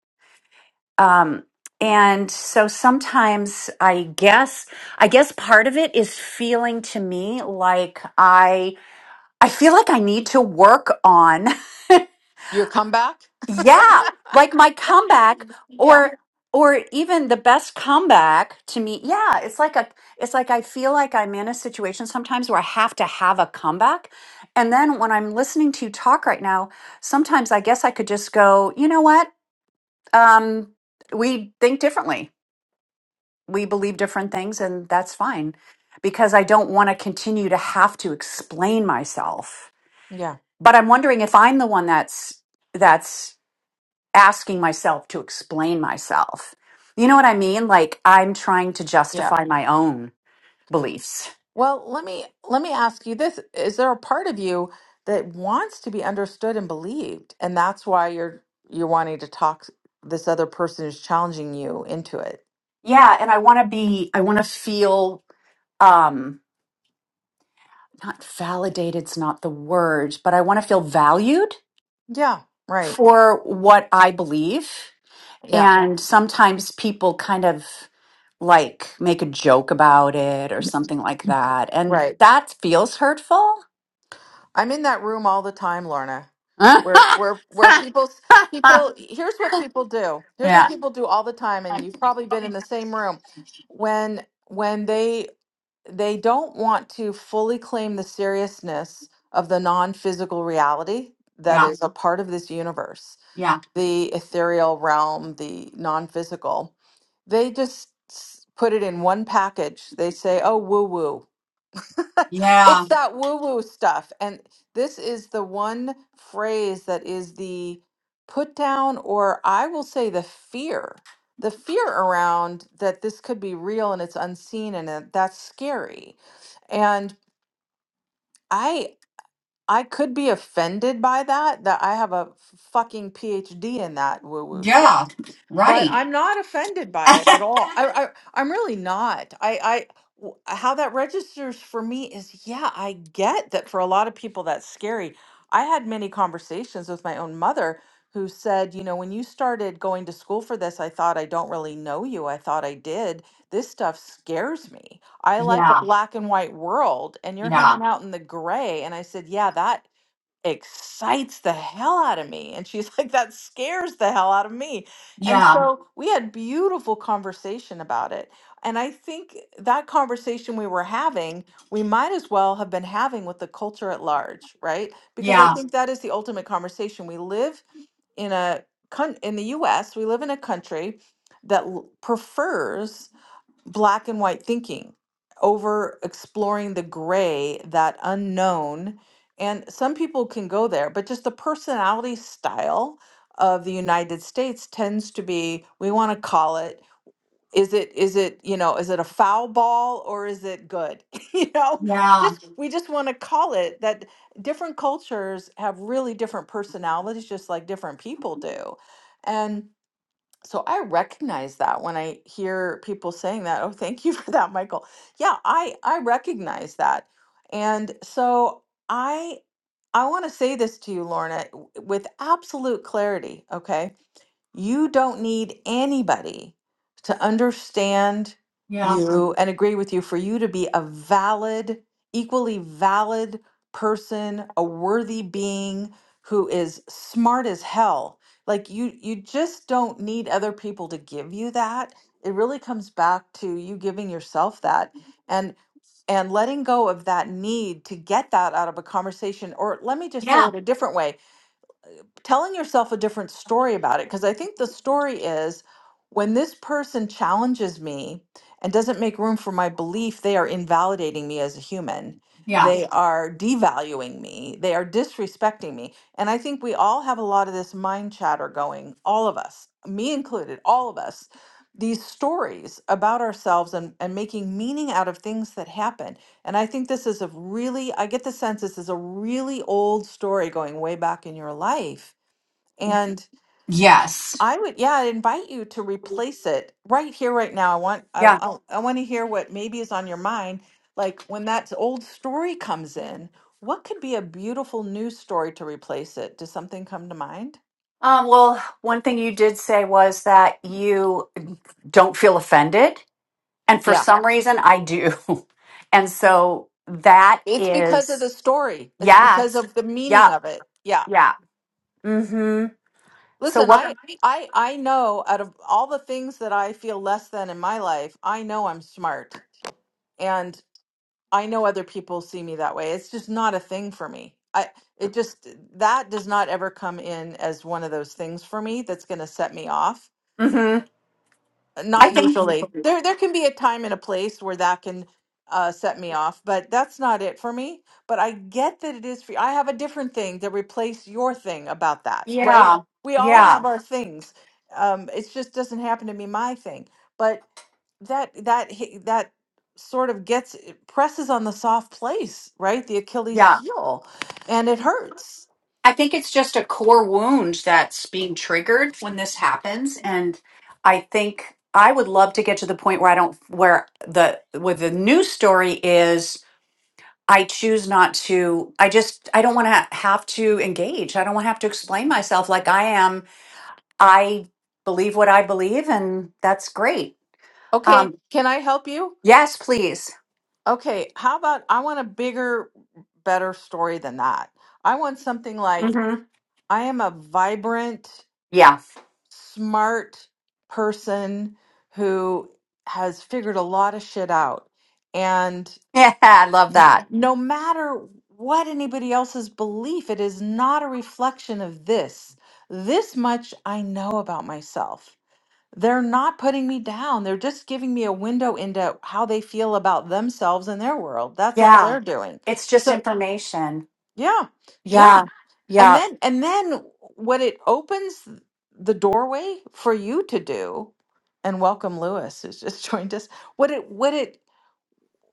Speaker 5: um, and so sometimes i guess i guess part of it is feeling to me like i i feel like i need to work on
Speaker 1: Your comeback?
Speaker 5: Yeah, like my comeback
Speaker 1: Yeah.
Speaker 5: or or even the best comeback to me. Yeah, it's like a it's like I feel like I'm in a situation sometimes where I have to have a comeback. And then when I'm listening to you talk right now, sometimes I guess I could just go, you know what? Um, we think differently. We believe different things and that's fine because I don't want to continue to have to explain myself.
Speaker 1: Yeah.
Speaker 5: But I'm wondering if I'm the one that's that's asking myself to explain myself. You know what I mean? Like I'm trying to
Speaker 1: Yeah.
Speaker 5: justify my own beliefs.
Speaker 1: Well, let me let me ask you this. Is there a part of you that wants to be understood and believed? And that's why you're you're wanting to talk this other person who's challenging you into it.
Speaker 5: Yeah, and I want to be I want to feel um not validated's not the word, but I want to feel valued
Speaker 1: Yeah, right.
Speaker 5: for what I believe.
Speaker 1: Yeah,
Speaker 5: And sometimes people kind of like make a joke about it or something like that, and
Speaker 1: right.
Speaker 5: that feels hurtful.
Speaker 1: I'm in that room all the time, Lorna. Where where where people people here's what people do. Here's
Speaker 5: yeah,
Speaker 1: what people do all the time and
Speaker 5: time,
Speaker 1: you've
Speaker 5: You
Speaker 1: probably been
Speaker 5: probably
Speaker 1: in
Speaker 5: did
Speaker 1: the
Speaker 5: the
Speaker 1: same room.
Speaker 5: same thing.
Speaker 1: When when they they don't want to fully claim the seriousness of the non-physical reality that
Speaker 5: Yeah,
Speaker 1: is a Mhm. part of this universe
Speaker 5: yeah,
Speaker 1: the ethereal realm the non-physical they just s- put it in one package they say oh woo woo
Speaker 5: yeah,
Speaker 1: it's that woo woo stuff. And this is the one phrase that is the put down, or I will say the fear, the fear around that this could be real and it's unseen and that that's scary. And I, I could be offended by that, that I have a fucking PhD in that woo woo shit
Speaker 5: yeah,
Speaker 1: but
Speaker 5: right.
Speaker 1: I'm not offended by it at all. I, I I'm really not. I I w- how that registers for me is yeah, I get that for a lot of people that's scary. I had many conversations with my own mother who said, you know, when you started going to school for this, I thought I don't really know you. I thought I did. This stuff scares me. I like a
Speaker 5: yeah,
Speaker 1: black and white world and you're
Speaker 5: yeah,
Speaker 1: hanging out in the gray and I said, yeah, that excites the hell out of me. And she's like, that scares the hell out of me. And
Speaker 5: yeah,
Speaker 1: so we had beautiful conversation about it. And I think that conversation we were having, we might as well have been having with the culture at large, right? Because I
Speaker 5: yeah,
Speaker 1: think that is the ultimate conversation. We live in a coun- in the US, we live in a country that l- prefers black and white thinking over exploring the gray, that unknown. And some people can go there, but just the personality style of the United States tends to be we want to call it is it is it you know is it a foul ball or is it good you know
Speaker 5: yeah,
Speaker 1: we just we just want to call it that different cultures have really different personalities just like different people do and. So I recognize that when I hear people saying that, oh, thank you for that, Michael. Yeah, I I recognize that. And so I I want to say this to you, Lorna, w- with absolute clarity, okay? You don't need anybody to understand
Speaker 5: yeah,
Speaker 1: you and agree with you for you to be a valid, equally valid person, a worthy being who is smart as hell. Like you you just don't need other people to give you that. It really comes back to you giving yourself that and and letting go of that need to get that out of a conversation or let me just say
Speaker 5: yeah,
Speaker 1: it a different way telling yourself a different story about it because I think the story is when this person challenges me and doesn't make room for my belief, they are invalidating me as a human.
Speaker 5: yeah,
Speaker 1: They Yeah. are devaluing me. They are disrespecting me. And I think we all have a lot of this mind chatter going, all of us, me included, all of us, these stories about ourselves and, and making meaning out of things that happen. And I think this is a really, I get the sense this is a really old story going way back in your life and
Speaker 5: yes.
Speaker 1: I would, yeah, I'd invite you to replace it right here, right now. I want, I,
Speaker 5: Yeah.
Speaker 1: I, I want to hear what maybe is on your mind. Like when that old story comes in, what could be a beautiful new story to replace it? Does something come to mind?
Speaker 5: Um, well, one thing you did say was that you don't feel offended. And for
Speaker 1: Yeah,
Speaker 5: some reason, I do. And so that
Speaker 1: it's because of
Speaker 5: is,
Speaker 1: the story. It's
Speaker 5: yeah,
Speaker 1: because
Speaker 5: it's-
Speaker 1: of the
Speaker 5: yeah,
Speaker 1: meaning of it. Yeah.
Speaker 5: yeah. Mm-hmm. So
Speaker 1: Listen,
Speaker 5: what?
Speaker 1: I, I, I know out of all the things that I feel less than in my life, I know I'm smart. and. I know other people see me that way. It's just not a thing for me. I it just that does not ever come in as one of those things for me that's going to set me off.
Speaker 5: Mm-hmm.
Speaker 1: Uh,
Speaker 5: I
Speaker 1: Not
Speaker 5: think.
Speaker 1: usually. There there can be a time and a place where that can uh, set me off, but that's not it for me. But I get that it is for you. I have a different thing to replace your thing about that, right?
Speaker 5: Yeah,
Speaker 1: We all
Speaker 5: yeah,
Speaker 1: have our things. Um, it just doesn't happen to be my thing. But that that hi- that sort of gets it presses on the soft place, right? The Achilles
Speaker 5: yeah.
Speaker 1: heel, and it hurts.
Speaker 5: I think it's just a core wound that's being triggered when this happens, and I think I would love to get to the point where I don't where the where the new story is I choose not to. I just I don't want to have to engage. I don't want to have to explain myself like I am. I believe what I believe, and that's great. Um,
Speaker 1: Okay, can I help you?
Speaker 5: yes, please.
Speaker 1: Okay, how about I want a bigger, better story than that. I want something like
Speaker 5: hmm
Speaker 1: I am a vibrant,
Speaker 5: Yeah,
Speaker 1: smart person who has figured a lot of shit out. And
Speaker 5: yeah, I love
Speaker 1: n-
Speaker 5: that.
Speaker 1: no matter what anybody else's belief, it is not a reflection of this. This much I know about myself. They're not putting me down. They're just giving me a window into how they feel about themselves and their world. That's all
Speaker 5: Yeah,
Speaker 1: they're doing.
Speaker 5: it's just
Speaker 1: So,
Speaker 5: information.
Speaker 1: yeah, yeah.
Speaker 5: Yeah.
Speaker 1: And
Speaker 5: Yeah.
Speaker 1: then and then what it opens the doorway for you to do, and welcome Lewis who's just joined us. What it what it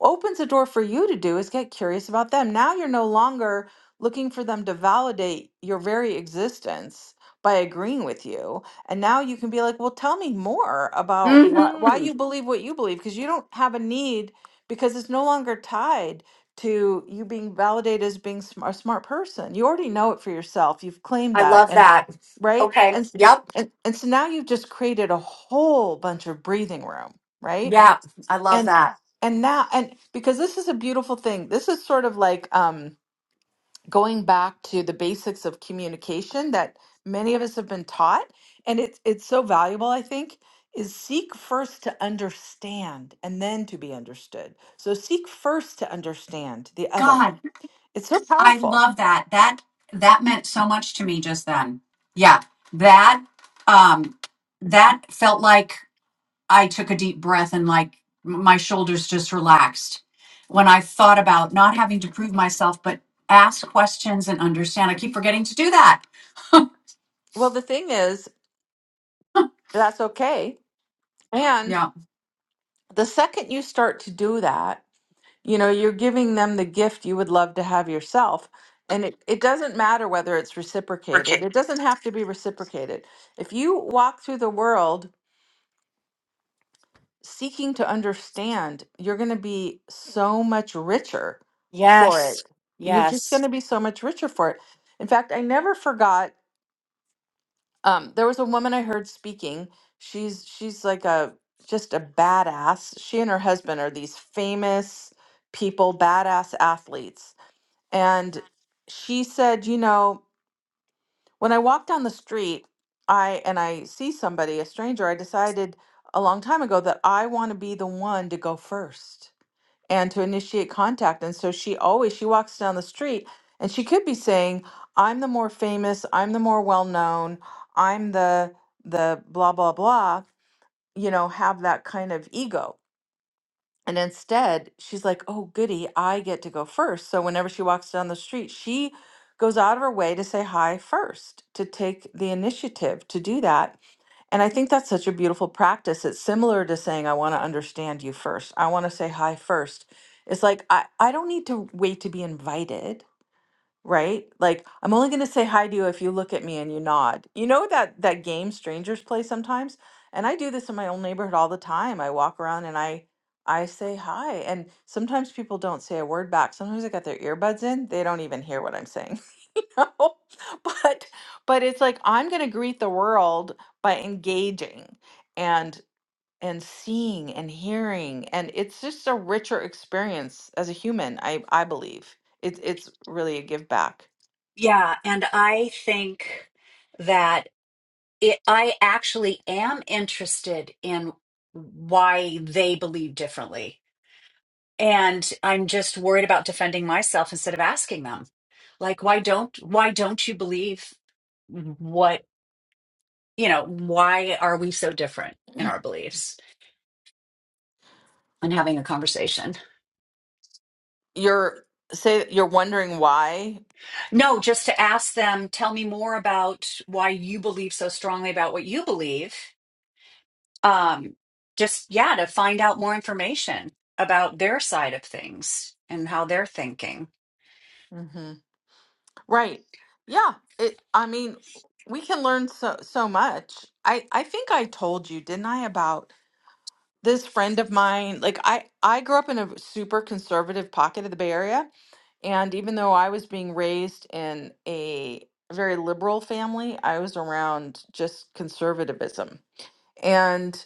Speaker 1: opens the door for you to do is get curious about them. Now you're no longer looking for them to validate your very existence by agreeing with you. And now you can be like, well, tell me more about why, why
Speaker 5: hmm
Speaker 1: you believe what you believe, because you don't have a need, because it's no longer tied to you being validated as being sm- a smart person. You already know it for yourself. You've claimed
Speaker 5: I
Speaker 1: that.
Speaker 5: love
Speaker 1: And
Speaker 5: that.
Speaker 1: right.
Speaker 5: Okay.
Speaker 1: And, s-
Speaker 5: Yep.
Speaker 1: and, and so now you've just created a whole bunch of breathing room, right?
Speaker 5: Yeah. I love
Speaker 1: and
Speaker 5: that.
Speaker 1: and now and because this is a beautiful thing this is sort of like um going back to the basics of communication that many of us have been taught and it's it's so valuable i think is seek first to understand and then to be understood so seek first to understand the other
Speaker 5: God,
Speaker 1: it's so
Speaker 5: I
Speaker 1: powerful
Speaker 5: love that. That that meant so much to me just then. Yeah. That um that felt like I took a deep breath and like my shoulders just relaxed when I thought about not having to prove myself but ask questions and understand. I keep forgetting to do that.
Speaker 1: well the thing is that's okay and
Speaker 5: Yeah.
Speaker 1: the second you start to do that You know, you're giving them the gift you would love to have yourself. And it, it doesn't matter whether it's reciprocated,
Speaker 5: Okay.
Speaker 1: it doesn't have to be reciprocated. If you walk through the world seeking to understand, you're going to be so much richer for
Speaker 5: Yes.
Speaker 1: it. You're just
Speaker 5: Yes.
Speaker 1: going to be so much richer for it. In fact, I never forgot. Um, there was a woman I heard speaking. She's she's like a just a badass. She and her husband are these famous people, badass athletes and she said, you know, when I walk down the street, I and I see somebody, a stranger, I decided a long time ago that I want to be the one to go first and to initiate contact. And so she always she walks down the street and she could be saying, I'm the more famous, I'm the more well known, I'm the the blah blah blah, you know, have that kind of ego and instead, she's like, oh, goody, I get to go first. So whenever she walks down the street, she goes out of her way to say hi first, to take the initiative to do that. And I think that's such a beautiful practice. It's similar to saying, I want to understand you first. I want to say hi first. It's like, I, I don't need to wait to be invited right? Like I'm only going to say hi to you if you look at me and you nod. You know that that game strangers play sometimes, and I do this in my own neighborhood all the time. I walk around and I I say hi, and sometimes people don't say a word back. Sometimes they got their earbuds in; they don't even hear what I'm saying. you know, but but it's like I'm going to greet the world by engaging, and and seeing and hearing and it's just a richer experience as a human i i believe it's it's really a give back
Speaker 5: Yeah, and I think that it, I actually am interested in why they believe differently. And I'm just worried about defending myself instead of asking them. Like, why don't why don't you believe what, you know, why are we so different in our beliefs? And having a conversation.
Speaker 1: you're say you're wondering why
Speaker 5: No, just to ask them, tell me more about why you believe so strongly about what you believe um, just yeah, to find out more information about their side of things and how they're thinking.
Speaker 1: hmm right yeah it i mean we can learn so so much i i think i told you didn't i about this friend of mine like i i grew up in a super conservative pocket of the bay area and even though i was being raised in a very liberal family i was around just conservatism and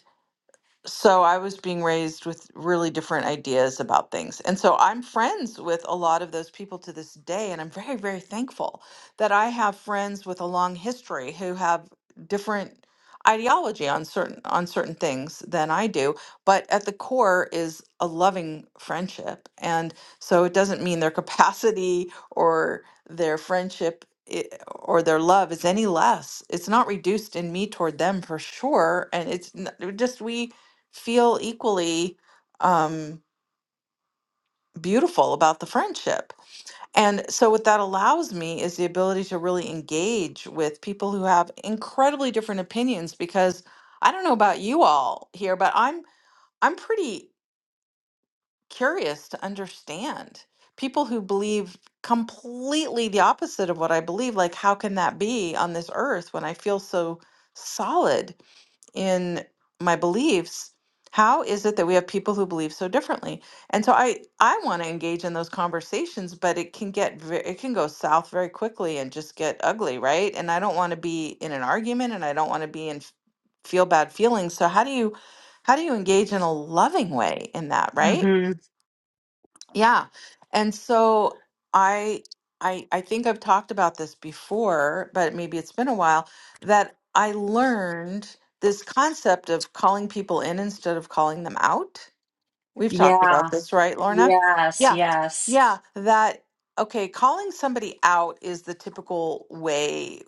Speaker 1: so I was being raised with really different ideas about things. And so I'm friends with a lot of those people to this day. And I'm very, very thankful that I have friends with a long history who have different ideology on certain on certain things than I do but at the core is a loving friendship and so it doesn't mean their capacity or their friendship i- or their love is any less it's not reduced in me toward them for sure and it's n- just we feel equally um, beautiful about the friendship. And so, what that allows me is the ability to really engage with people who have incredibly different opinions. Because I don't know about you all here, but I'm I'm pretty curious to understand people who believe completely the opposite of what I believe. Like, how can that be on this earth when I feel so solid? in my beliefs how is it that we have people who believe so differently and so i i want to engage in those conversations but it can get ve- it can go south very quickly and just get ugly right and i don't want to be in an argument and i don't want to be in f- feel bad feelings so how do you how do you engage in a loving way in that right
Speaker 5: hmm
Speaker 1: yeah. And so I I I think I've talked about this before, but maybe it's been a while, that I learned this concept of calling people in instead of calling them out. We've talked about
Speaker 5: Yeah.
Speaker 1: this, right, Lorna?
Speaker 5: Yes.
Speaker 1: Yeah.
Speaker 5: Yes.
Speaker 1: Yeah, that okay, calling somebody out is the typical way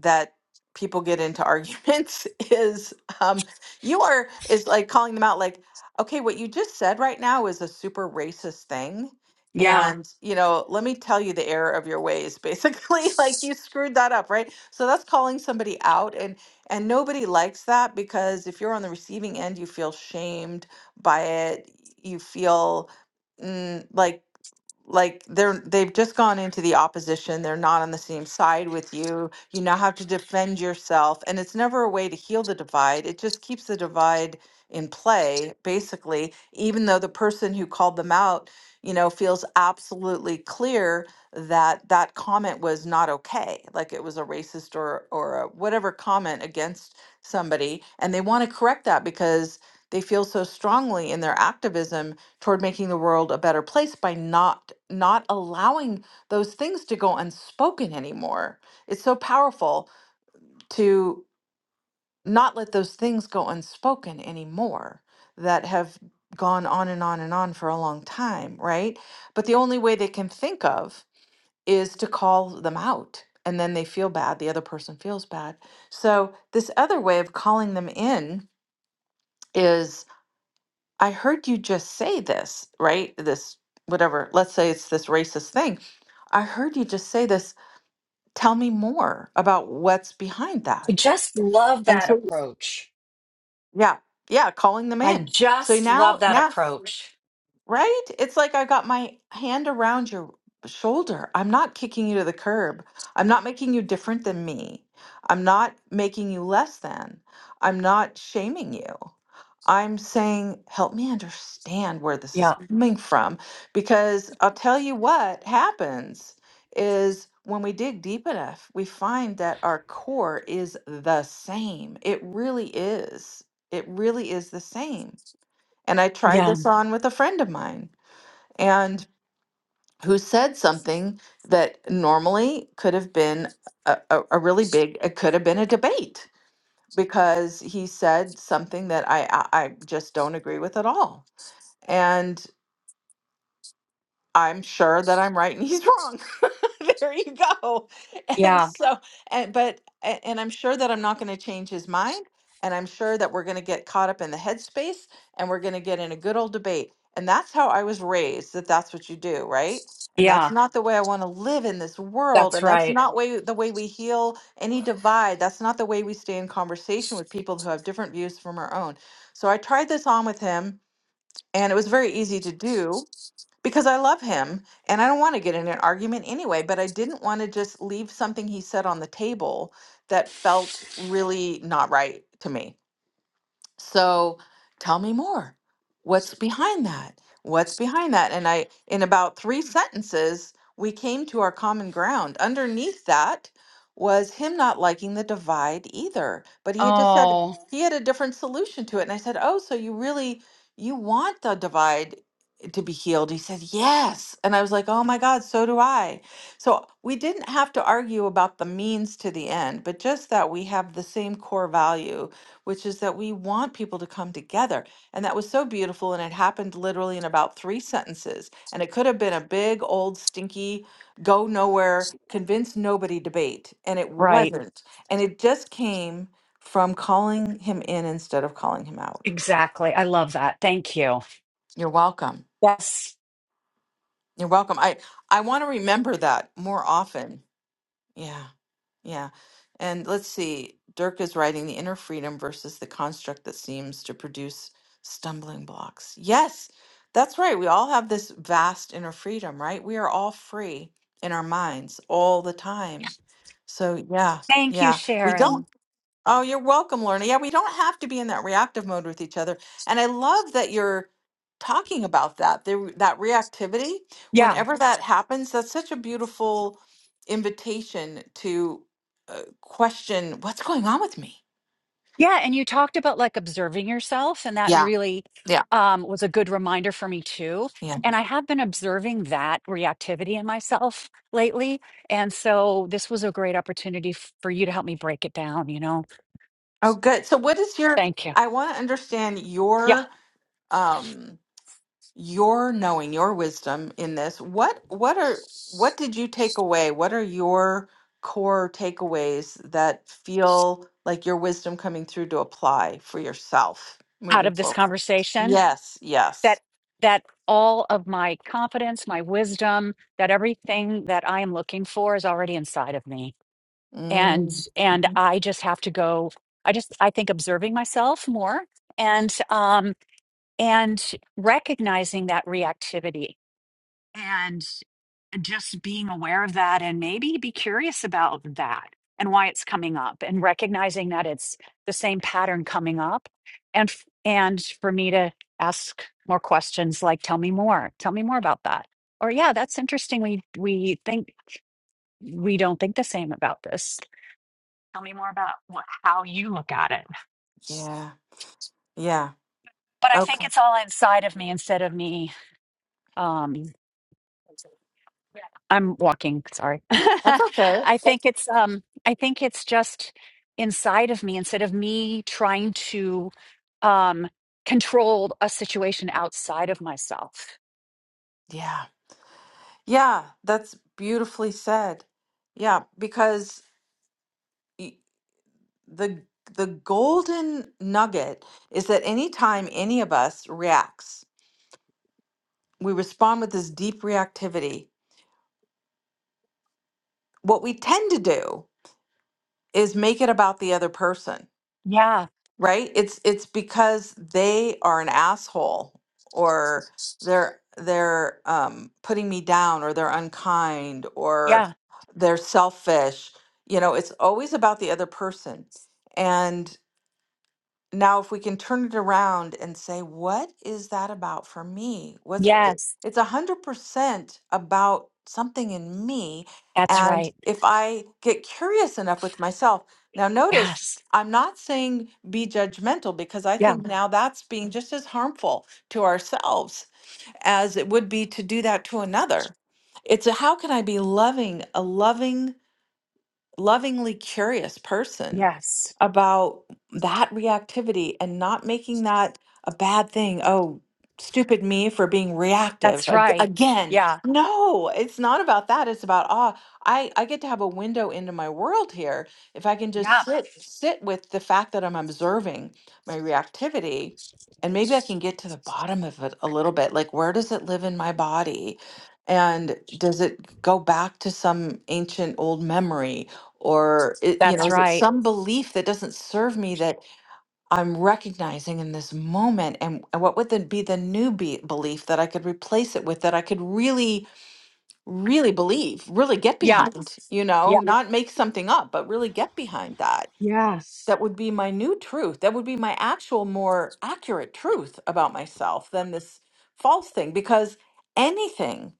Speaker 1: that people get into arguments is um, you are is like calling them out like okay what you just said right now is a super racist thing Yeah.
Speaker 5: Yeah.
Speaker 1: and you know let me tell you the error of your ways basically like you screwed that up right so that's calling somebody out and and nobody likes that because if you're on the receiving end you feel shamed by it you feel mm, like like they're they've just gone into the opposition they're not on the same side with you you now have to defend yourself and it's never a way to heal the divide it just keeps the divide in play basically even though the person who called them out you know feels absolutely clear that that comment was not okay like it was a racist or or a whatever comment against somebody and they want to correct that because they feel so strongly in their activism toward making the world a better place by not not allowing those things to go unspoken anymore. It's so powerful to not let those things go unspoken anymore that have gone on and on and on for a long time, right? But the only way they can think of is to call them out and then they feel bad, the other person feels bad. So this other way of calling them in is I heard you just say this, right? This, whatever, let's say it's this racist thing. I heard you just say this. Tell me more about what's behind
Speaker 5: I
Speaker 1: that.
Speaker 5: just love
Speaker 1: And
Speaker 5: that
Speaker 1: so,
Speaker 5: approach.
Speaker 1: yeah, yeah, calling them
Speaker 5: I
Speaker 1: in. So
Speaker 5: just love
Speaker 1: now,
Speaker 5: that
Speaker 1: now,
Speaker 5: approach.
Speaker 1: Right? It's like I got my hand around your shoulder. I'm not kicking you to the curb. I'm not making you different than me. I'm not making you less than. I'm not shaming you. I'm saying, help me understand where this is
Speaker 5: Yeah.
Speaker 1: coming from. Because I'll tell you what happens is when we dig deep enough, we find that our core is the same. It really is. It really is the same. And I tried
Speaker 5: Yeah.
Speaker 1: this on with a friend of mine and who said something that normally could have been a, a, a really big, it could have been a debate because he said something that I, I, I just don't agree with at all. and. I'm sure that I'm right and he's wrong. there you go. And
Speaker 5: Yeah.
Speaker 1: so, and but, a- and I'm sure that I'm not going to change his mind. And I'm sure that we're going to get caught up in the headspace and we're going to get in a good old debate. And that's how I was raised that that's what you do, right? And that's
Speaker 5: Yeah.
Speaker 1: not the way I want to live in this world.
Speaker 5: That's
Speaker 1: And that's
Speaker 5: right.
Speaker 1: not way, the way we heal any divide. That's not the way we stay in conversation with people who have different views from our own. So I tried this on with him and it was very easy to do because I love him and I don't want to get in an argument anyway, but I didn't want to just leave something he said on the table that felt really not right to me so tell me more. What's behind that? What's behind that? And I, in about three sentences, we came to our common ground. Underneath that was him not liking the divide either, but he had just said Okay.
Speaker 5: Oh,
Speaker 1: he had a different solution to it. And I said, "Oh, so you really you want the divide to be healed?" He said, "Yes." And I was like, "Oh my God, so do I." So we didn't have to argue about the means to the end, but just that we have the same core value which is that we want people to come together. And that was so beautiful. And it happened literally in about three sentences. And it could have been a big, old, stinky, go nowhere, convince nobody debate. And it
Speaker 5: right.
Speaker 1: wasn't. And it just came from calling him in instead of calling him out.
Speaker 5: Exactly. I love that. Thank you.
Speaker 1: You're welcome.
Speaker 5: Yes.
Speaker 1: You're welcome. I, I want to remember that more often. Yeah. Yeah. And let's see, Dirk is writing the inner freedom versus the construct that seems to produce stumbling blocks. Yes, that's right. We all have this vast inner freedom, right? We are all free in our minds all the time. So, yeah,
Speaker 5: Thank you,
Speaker 1: yeah. We don't
Speaker 5: Sharon.
Speaker 1: Oh, you're welcome, Lorna. Yeah, we don't have to be in that reactive mode with each other. And I love that you're talking about that, the, that reactivity.
Speaker 5: Yeah.
Speaker 1: Whenever that happens, that's such a beautiful invitation to uh, question what's going on with me.
Speaker 5: Yeah, and you talked about like observing yourself, and that
Speaker 1: Yeah,
Speaker 5: really
Speaker 1: yeah,
Speaker 5: um, was a good reminder for me too.
Speaker 1: yeah.
Speaker 5: And I have been observing that reactivity in myself lately. And so this was a great opportunity f- for you to help me break it down, you know.
Speaker 1: Oh, good. So, what is your,
Speaker 5: Thank you.
Speaker 1: I want to understand
Speaker 5: Yeah.
Speaker 1: your, um, your knowing your wisdom in this what what are what did you take away what are your core takeaways that feel like your wisdom coming through to apply for yourself
Speaker 5: Out
Speaker 1: moving
Speaker 5: of this
Speaker 1: forward
Speaker 5: conversation
Speaker 1: yes yes
Speaker 5: that that all of my confidence, my wisdom, that everything that I am looking for is already inside of me and
Speaker 1: mm,
Speaker 5: and
Speaker 1: mhm.
Speaker 5: i just have to go i just i think observing myself more and um and recognizing that reactivity and just being aware of that and maybe be curious about that and why it's coming up and recognizing that it's the same pattern coming up and f- and for me to ask more questions like tell me more tell me more about that or yeah that's interesting we we think we don't think the same about this Tell me more about what, how you look at it.
Speaker 1: yeah yeah
Speaker 5: But I think
Speaker 1: okay
Speaker 5: it's all inside of me instead of me. Um, I'm walking. Sorry.
Speaker 1: that's okay
Speaker 5: I think it's. Um, I think it's just inside of me instead of me trying to um, control a situation outside of myself.
Speaker 1: yeah yeah that's beautifully said yeah because y- the the golden nugget is that anytime any of us reacts we respond with this deep reactivity what we tend to do is make it about the other person
Speaker 5: Yeah.
Speaker 1: right it's it's because they are an asshole or they're they're um, putting me down or they're unkind or
Speaker 5: Yeah.
Speaker 1: they're selfish you know it's always about the other person and Now, if we can turn it around and say, what is that about for me? What's go- it-
Speaker 5: Yes.
Speaker 1: it's a hundred percent about something in me.
Speaker 5: That's
Speaker 1: Yeah. And
Speaker 5: right.
Speaker 1: if I get curious enough with myself, now notice
Speaker 5: Yes.
Speaker 1: I'm not saying be judgmental because I
Speaker 5: Yeah.
Speaker 1: think No. now that's being just as harmful to ourselves as it would be to do that to another. It's a, how can I be loving, a loving lovingly curious person
Speaker 5: Yes.
Speaker 1: about that reactivity and not making that a bad thing. Oh, stupid me for being reactive
Speaker 5: That's
Speaker 1: ag-
Speaker 5: right.
Speaker 1: again.
Speaker 5: Yeah.
Speaker 1: No, it's not about that. It's about ah, I I get to have a window into my world here if I can
Speaker 5: Yeah.
Speaker 1: just sit sit with the fact that I'm observing my reactivity and maybe I can get to the bottom of it a little bit. Like where does it live in my body? And does it go back to some ancient old memory? or it, you know
Speaker 5: That's
Speaker 1: is it
Speaker 5: right.
Speaker 1: some belief that doesn't serve me that i'm recognizing in this moment and, and what would then be the new be- belief that i could replace it with that i could really really believe really get Yeah.
Speaker 5: Yeah.
Speaker 1: behind you
Speaker 5: Yeah.
Speaker 1: know Yeah. not make something up but really get behind that
Speaker 5: Yes.
Speaker 1: that would be my new truth. That would be my actual, more accurate truth about myself than this false thing. Because anything,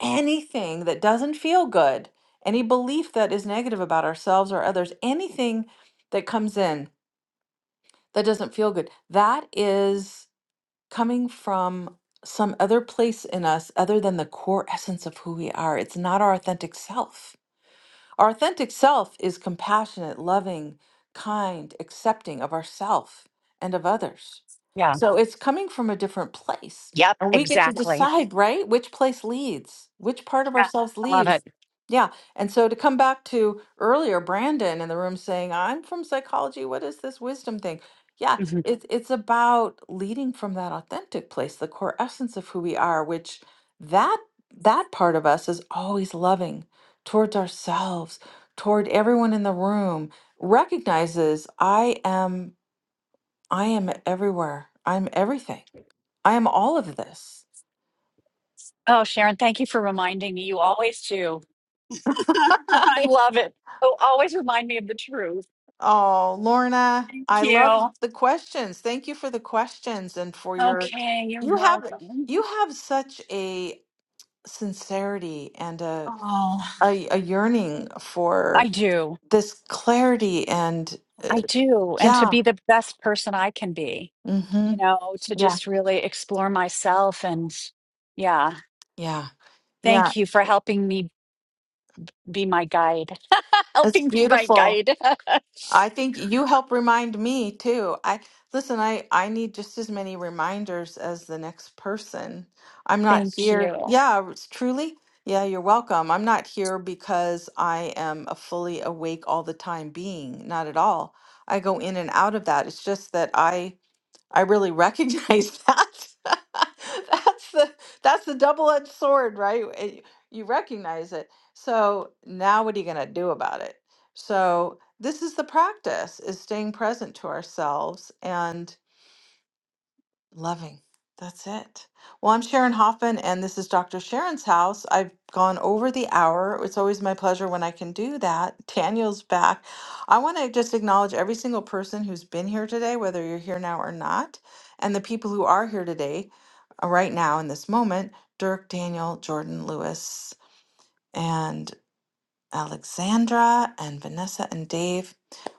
Speaker 1: anything that doesn't feel good, any belief that is negative about ourselves or others, anything that comes in that doesn't feel good, that is coming from some other place in us other than the core essence of who we are. It's not our authentic self our authentic self is compassionate, loving, kind, accepting of ourself and of others.
Speaker 5: Yeah.
Speaker 1: So it's coming from a different place.
Speaker 5: Yep.
Speaker 1: And we get to
Speaker 5: Exactly.
Speaker 1: decide, right? Which place leads, which part of
Speaker 5: Yeah.
Speaker 1: ourselves
Speaker 5: I love
Speaker 1: leads.
Speaker 5: it.
Speaker 1: Yeah. And so to come back to earlier, Brandon in the room saying, I'm from psychology. What is this wisdom thing? Yeah,
Speaker 5: Mhm.
Speaker 1: it's it's about leading from that authentic place, the core essence of who we are, which that that part of us is always loving towards ourselves, toward everyone in the room, recognizes I am I am everywhere. I'm everything. I am all of this.
Speaker 5: Oh, Sharon, thank you for reminding me. You always do. I love it. Oh, always remind me of the truth.
Speaker 1: oh, Lorna,
Speaker 5: Thank
Speaker 1: I love
Speaker 5: you.
Speaker 1: the questions. Thank you for the questions and for your
Speaker 5: Okay. You're
Speaker 1: you have
Speaker 5: welcome.
Speaker 1: you have such a sincerity and a
Speaker 5: Oh,
Speaker 1: a, a yearning
Speaker 5: I
Speaker 1: for
Speaker 5: do.
Speaker 1: this clarity and
Speaker 5: I do. And to
Speaker 1: yeah.
Speaker 5: be the best person I can be, you
Speaker 1: Mhm.
Speaker 5: know, to
Speaker 1: Yeah.
Speaker 5: just really explore myself. And yeah,
Speaker 1: Yeah. Yeah.
Speaker 5: thank you for helping me be my guide,
Speaker 1: It's
Speaker 5: helping be my
Speaker 1: beautiful.
Speaker 5: guide.
Speaker 1: I think you help remind me too. I listen, I I need just as many reminders as the next person. I'm not
Speaker 5: Thank
Speaker 1: here.
Speaker 5: you.
Speaker 1: Yeah, it's truly. Yeah, you're welcome. I'm not here because I am a fully awake all the time being, not at all. I go in and out of that. It's just that I I really recognize that. that's the that's the double-edged sword, right? It- You recognize it. So now what are you going to do about it? So this is the practice is staying present to ourselves and. Loving. That's it. Well, I'm Sharon Hoffman, and this is Dr. Sharon's house. I've gone over the hour. It's always my pleasure when I can do that. Daniel's back. I want to just acknowledge every single person who's been here today, whether you're here now or not, and the people who are here today, uh, right now in this moment Dirk, Daniel, Jordan, Lewis. and. Alexandra and Vanessa and Dave.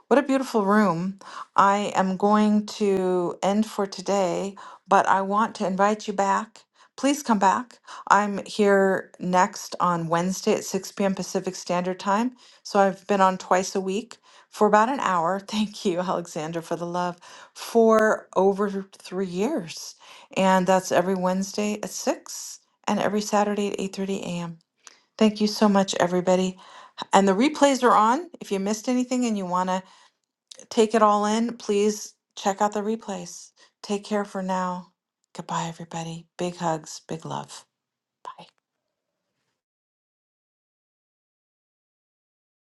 Speaker 1: What a beautiful room. I am going to end for today, but I want to invite you back. Please come back. I'm here next on Wednesday at 6 p.m. Pacific Standard Time. So I've been on twice a week for about an hour. Thank you, Alexandra, for the love, for over three years. And that's every Wednesday at 6 and every Saturday at 8.30 a.m. Thank you so much, everybody. And the replays are on. If you missed anything and you want to take it all in, please check out the replays. Take care for now. Goodbye, everybody. Big hugs, big love. Bye.